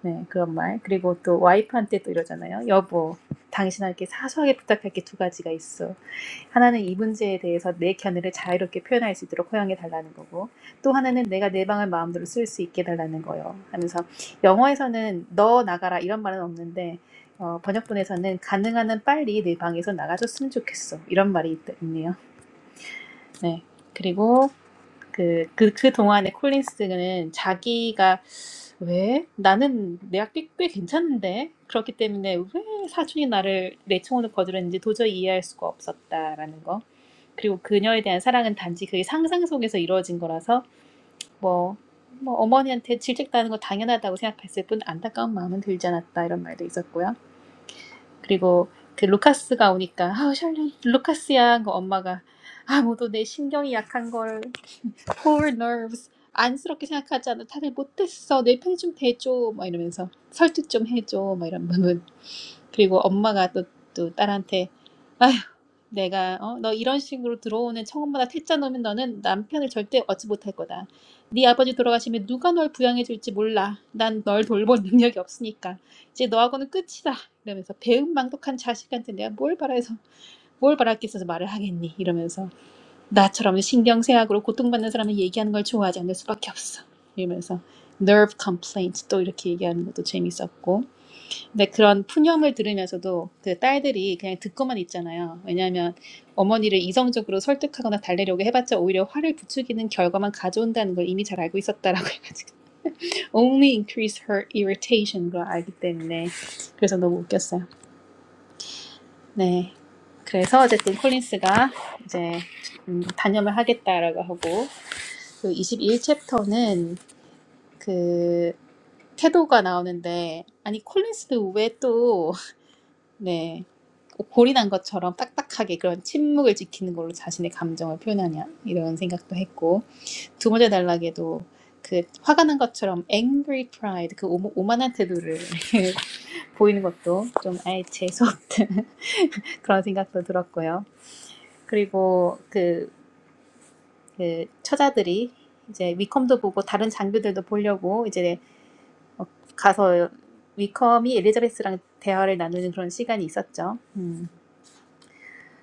네 그런 말 그리고 또 와이프한테 또 이러잖아요. 여보 당신에게 사소하게 부탁할 게 두 가지가 있어. 하나는 이 문제에 대해서 내 견해를 자유롭게 표현할 수 있도록 허용해 달라는 거고 또 하나는 내가 내 방을 마음대로 쓸 수 있게 해 달라는 거예요. 하면서 영어에서는 너 나가라 이런 말은 없는데 어, 번역본에서는 가능한 한 빨리 내 방에서 나가줬으면 좋겠어 이런 말이 있, 있네요. 네 그리고 그그그 동안에 콜린스는 자기가 왜? 나는 내 학비 꽤 괜찮은데? 그렇기 때문에 왜 사촌이 나를 내 청혼을 거절했는지 도저히 이해할 수가 없었다라는 거. 그리고 그녀에 대한 사랑은 단지 그의 상상 속에서 이루어진 거라서 뭐, 뭐 어머니한테 질책당하는 거 당연하다고 생각했을 뿐 안타까운 마음은 들지 않았다 이런 말도 있었고요. 그리고 그 루카스가 오니까 아 샬론 루카스야 그 엄마가 아뭐도내 신경이 약한 걸 poor nerves. 안쓰럽게 생각하지 않아. 다들 못했어. 내 편이 좀대줘막 이러면서 설득 좀 해줘. 막 이런 부분. 그리고 엄마가 또, 또 딸한테 아휴, 내가 어, 너 이런 식으로 들어오는 청혼마다 퇴짜 놓으면 너는 남편을 절대 얻지 못할 거다. 네 아버지 돌아가시면 누가 널 부양해 줄지 몰라. 난 널 돌볼 능력이 없으니까. 이제 너하고는 끝이다. 이러면서 배은망덕한 자식한테 내가 뭘 바라서 뭘 바랄 게 있어서 말을 하겠니? 이러면서 나처럼 신경쇠약으로 고통받는 사람은 얘기하는 걸 좋아하지 않을 수밖에 없어. 이러면서 nerve complaint 또 이렇게 얘기하는 것도 재밌었고. 근데 그런 푸념을 들으면서도 그 딸들이 그냥 듣고만 있잖아요. 왜냐하면 어머니를 이성적으로 설득하거나 달래려고 해봤자 오히려 화를 부추기는 결과만 가져온다는 걸 이미 잘 알고 있었다라고 해가지고 only increase her irritation 걸 알기 때문에 그래서 너무 웃겼어요. 네. 그래서 어쨌든 콜린스가 이제 음, 단념을 하겠다라고 하고 그 21챕터는 그 태도가 나오는데 아니 콜린스도 왜또네 골이 난 것처럼 딱딱하게 그런 침묵을 지키는 걸로 자신의 감정을 표현하냐 이런 생각도 했고 두 번째 단락에도 그 화가 난 것처럼 angry pride 그 오모- 오만한 태도를 보이는 것도 좀 아예 재수 없는 그런 생각도 들었고요. 그리고 그, 그 처자들이 이제 위컴도 보고 다른 장교들도 보려고 이제 어, 가서 위컴이 엘리자베스랑 대화를 나누는 그런 시간이 있었죠. 음.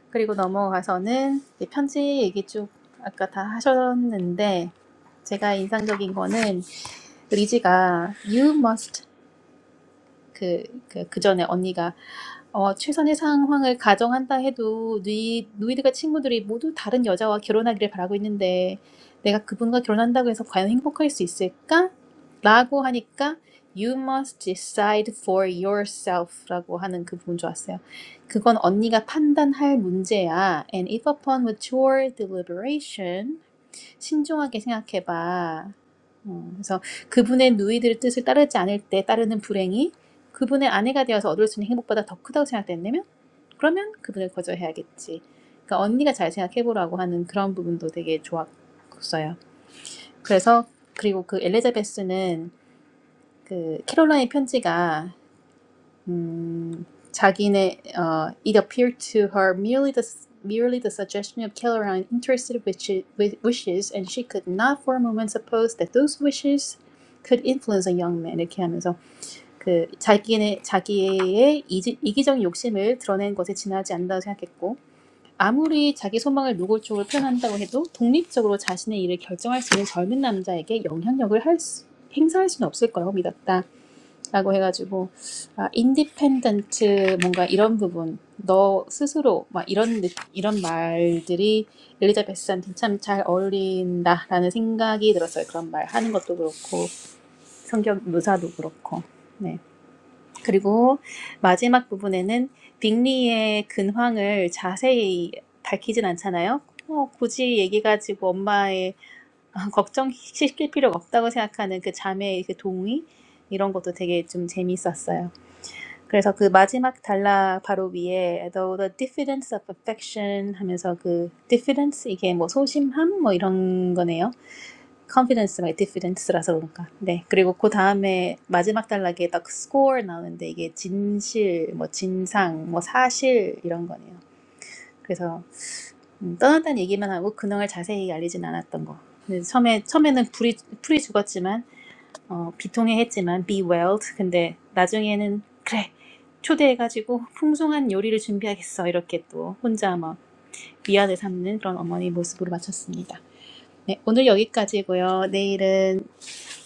그리고 넘어가서는 이제 편지 얘기 쭉 아까 다 하셨는데 제가 인상적인 거는 리지가 you must 그, 그, 그 전에 언니가 어, 최선의 상황을 가정한다 해도 누이, 누이들과 친구들이 모두 다른 여자와 결혼하기를 바라고 있는데 내가 그분과 결혼한다고 해서 과연 행복할 수 있을까? 라고 하니까 You must decide for yourself라고 하는 그 부분 좋았어요. 그건 언니가 판단할 문제야. And if upon mature deliberation 신중하게 생각해봐. 음, 그래서 그분의 누이들의 뜻을 따르지 않을 때 따르는 불행이 그분의 아내가 되어서 얻을 수 있는 행복보다 더 크다고 생각된다면 그러면 그분을 거절해야겠지. 그러니까 언니가 잘 생각해보라고 하는 그런 부분도 되게 좋았어요. 그래서 그리고 그 엘리자베스는 그 캐롤라인 편지가 음, 자기네 어, it appeared to her merely the merely the suggestion of Kelleran interested wishi- wi- wishes, and she could not for a moment suppose that those wishes could influence a young man. 이렇게 하면서 그 자기네 자기의 이지, 이기적 욕심을 드러낸 것에 지나지 않는다고 생각했고 아무리 자기 소망을 노골적으로 표현한다고 해도 독립적으로 자신의 일을 결정할 수 있는 젊은 남자에게 영향력을 할 수, 행사할 수는 없을 거라고 믿었다. 라고 해가지고 아, 인디펜던트 뭔가 이런 부분 너 스스로 막 이런 이런 말들이 엘리자베스한테 참 잘 어울린다라는 생각이 들었어요. 그런 말 하는 것도 그렇고 성격 묘사도 그렇고 네 그리고 마지막 부분에는 빅리의 근황을 자세히 밝히진 않잖아요. 어, 굳이 얘기 가지고 엄마의 걱정시킬 필요가 없다고 생각하는 그 자매의 그 동의 이런 것도 되게 좀 재미있었어요. 그래서 그 마지막 단락 바로 위에 though the diffidence of affection 하면서 그 diffidence 이게 뭐 소심함 뭐 이런 거네요. confidence 말 diffidence라서 그런가. 네. 그리고 그 다음에 마지막 단락에 딱 score 나오는데 이게 진실 뭐 진상 뭐 사실 이런 거네요. 그래서 음, 떠났다는 얘기만 하고 근황을 자세히 알리진 않았던 거. 근데 처음에 처음에는 불이 풀이 죽었지만 어, 비통해했지만 be welled. 근데 나중에는 그래 초대해가지고 풍성한 요리를 준비하겠어 이렇게 또 혼자 막 위안을 삼는 그런 어머니 모습으로 마쳤습니다. 네, 오늘 여기까지고요. 내일은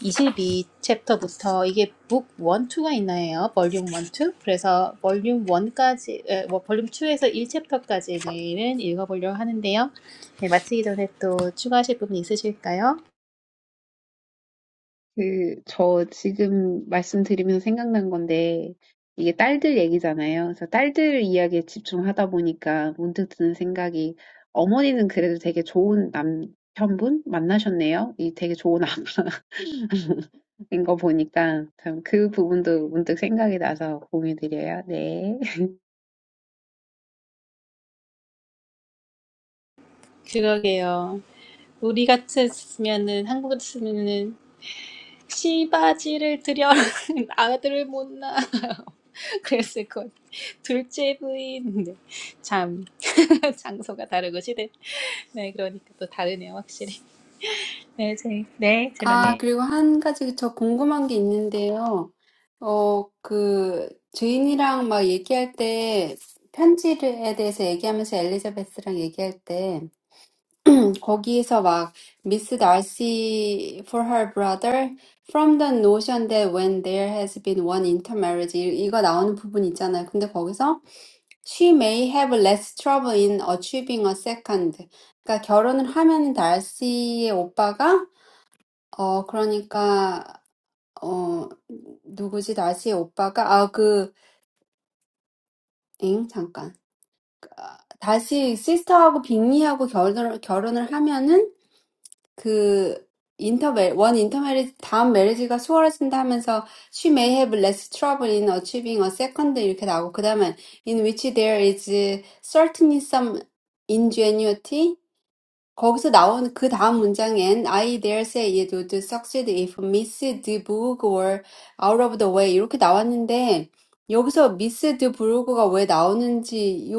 22 챕터부터 이게 북 1, 2가 있나요? 볼륨 1, 2? 그래서 볼륨 1까지, 에, 뭐 볼륨 2에서 1챕터까지 내일은 읽어보려고 하는데요. 네, 마치기 전에 또 추가하실 부분 있으실까요?
그, 저 지금 말씀드리면서 생각난 건데, 이게 딸들 얘기잖아요. 그래서 딸들 이야기에 집중하다 보니까 드는 생각이, 어머니는 현분 만나셨네. 그러니까
그러게요. 우리 같았으면은 한국 같았으면은 시바지를 들여 아들을 못 낳아 그랬을 것 같아요. 둘째 부인 네. 참 장소가 다르고 시대 네 그러니까 또 다르네요 확실히 네, 제, 네
아,
제로님
그리고 한 가지 저 궁금한 게 있는데요. 어, 그, 주인이랑 막 얘기할 때, 편지에 대해서 얘기하면서 엘리자베스랑 얘기할 때, 음, 거기에서 막, Miss Darcy for her brother, from the notion that when there has been one intermarriage, 이- 이거 나오는 부분 있잖아요. 근데 거기서, she may have less trouble in achieving a second. 그러니까 결혼을 하면 달씨의 오빠가, 어, 그러니까, 어, 누구지? 다시 오빠가, 아, 그, 엥? 잠깐. 다시 시스터하고 빅리하고 결혼을, 결혼을 하면은 그 인터멜, 원 인터메리지, 다음 메리지가 수월해진다 하면서 she may have less trouble in achieving a second 이렇게 나오고 그 다음에 in which there is certainly some ingenuity 거기서 나온 그 다음 문장엔 I dare say it would succeed if Miss De Bourg were out of the way. 이렇게 나왔는데 여기서 Miss De Bourg가 왜 나오는지 이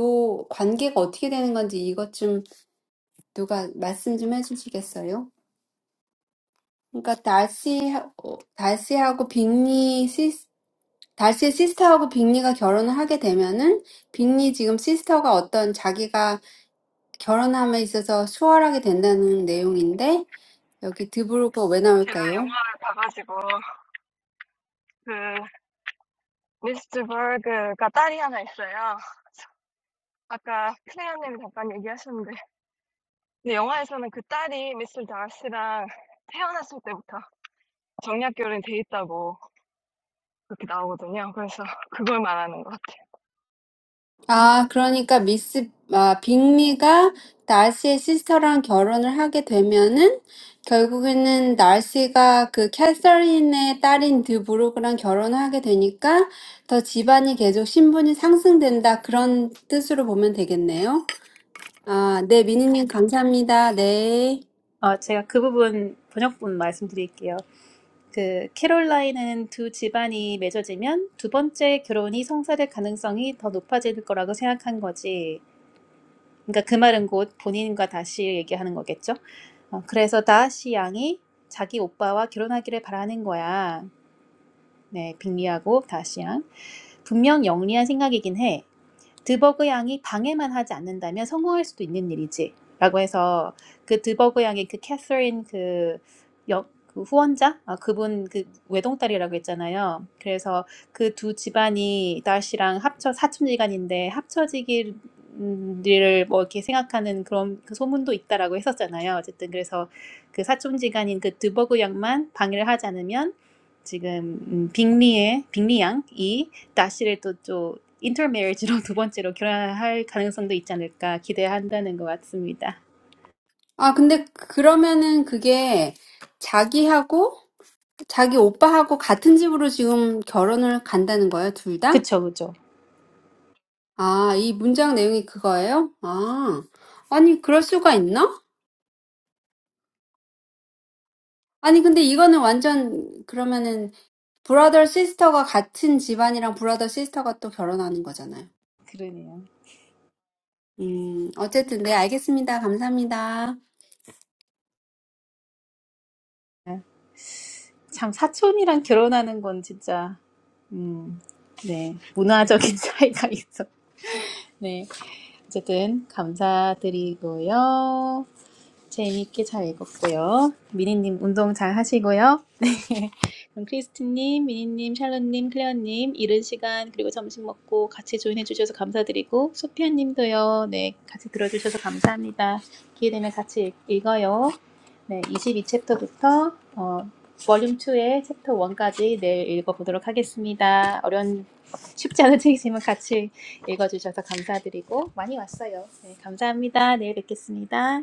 관계가 어떻게 되는 건지 이것 좀 누가 말씀 좀 해주시겠어요? 그러니까 Dalcy Dalcy하고 Bingley Dalcy의 sister하고 Bingley가 결혼을 하게 되면은 Bingley 지금 sister가 어떤 자기가 결혼함에 있어서 수월하게 된다는 내용인데. 여기 드브로가 왜
제가
나올까요?
영화를 봐가지고 그 미스트 버그가 딸이 하나 있어요. 아까 클레어님이 잠깐 얘기하셨는데 근데 영화에서는 그 딸이 미스터 다스랑 태어났을 때부터 정략 결혼이 돼 있다고 그렇게 나오거든요. 그래서 그걸 말하는 것 같아요.
아, 그러니까 미스, 아, 빅리가 날씨의 시스터랑 결혼을 하게 되면은 결국에는 날씨가 그 캐서린의 딸인 드브로그랑 결혼하게 되니까 더 집안이 계속 신분이 상승된다. 그런 뜻으로 보면 되겠네요. 아, 네, 미니님 감사합니다. 네.
어 제가 그 부분 번역본 말씀드릴게요 그 캐롤라인은 두 집안이 맺어지면 두 번째 결혼이 성사될 가능성이 더 높아질 거라고 생각한 거지 그러니까 그 말은 곧 본인과 다시 얘기하는 거겠죠. 어, 그래서 다시 양이 자기 오빠와 결혼하기를 바라는 거야. 네, 빅리하고 다시 양. 분명 영리한 생각이긴 해. 드버그 양이 방해만 하지 않는다면 성공할 수도 있는 일이지. 라고 해서 그 드버그 양이 그 캐서린 그, 여, 그 후원자? 아, 그분 그 외동딸이라고 했잖아요. 그래서 그 두 집안이 다시랑 합쳐 사촌지간인데 합쳐지기를 뭐 이렇게 생각하는 그런 그 소문도 있다라고 했었잖아요. 어쨌든 그래서 그 사촌지간인 그 드버그 양만 방해를 하지 않으면 지금 음, 빅리의 빅리 양이 나시를 또또 인터메리지로 두 번째로 결혼할 가능성도 있지 않을까 기대한다는 것 같습니다.
아, 근데 그러면은 그게 자기하고 자기 오빠하고 같은 집으로 지금 결혼을 간다는 거예요, 둘 다?
그쵸 그쵸.
아, 이 문장 내용이 그거예요? 아, 아니, 그럴 수가 있나? 아니, 근데 이거는 완전, 그러면은, 브라더 시스터가 같은 집안이랑 브라더 시스터가 또 결혼하는 거잖아요.
그러네요.
음, 어쨌든, 네, 알겠습니다. 감사합니다.
아, 참 사촌이랑 결혼하는 건 진짜 음, 네 문화적인 차이가 있어. 네 어쨌든 감사드리고요. 재미있게 잘 읽었고요. 미니님 운동 잘 하시고요. 네. 그럼 크리스틴님, 미니님, 샬롯님, 클레어님 이른 시간 그리고 점심 먹고 같이 조인해 주셔서 감사드리고 소피아님도요. 네, 같이 들어주셔서 감사합니다. 기회 되면 같이 읽- 읽어요. 네, 22챕터부터 어, 볼륨 2의 챕터 1까지 내일 읽어보도록 하겠습니다. 어려운 쉽지 않은 책이지만 같이 읽어주셔서 감사드리고 많이 왔어요. 네, 감사합니다. 내일 뵙겠습니다.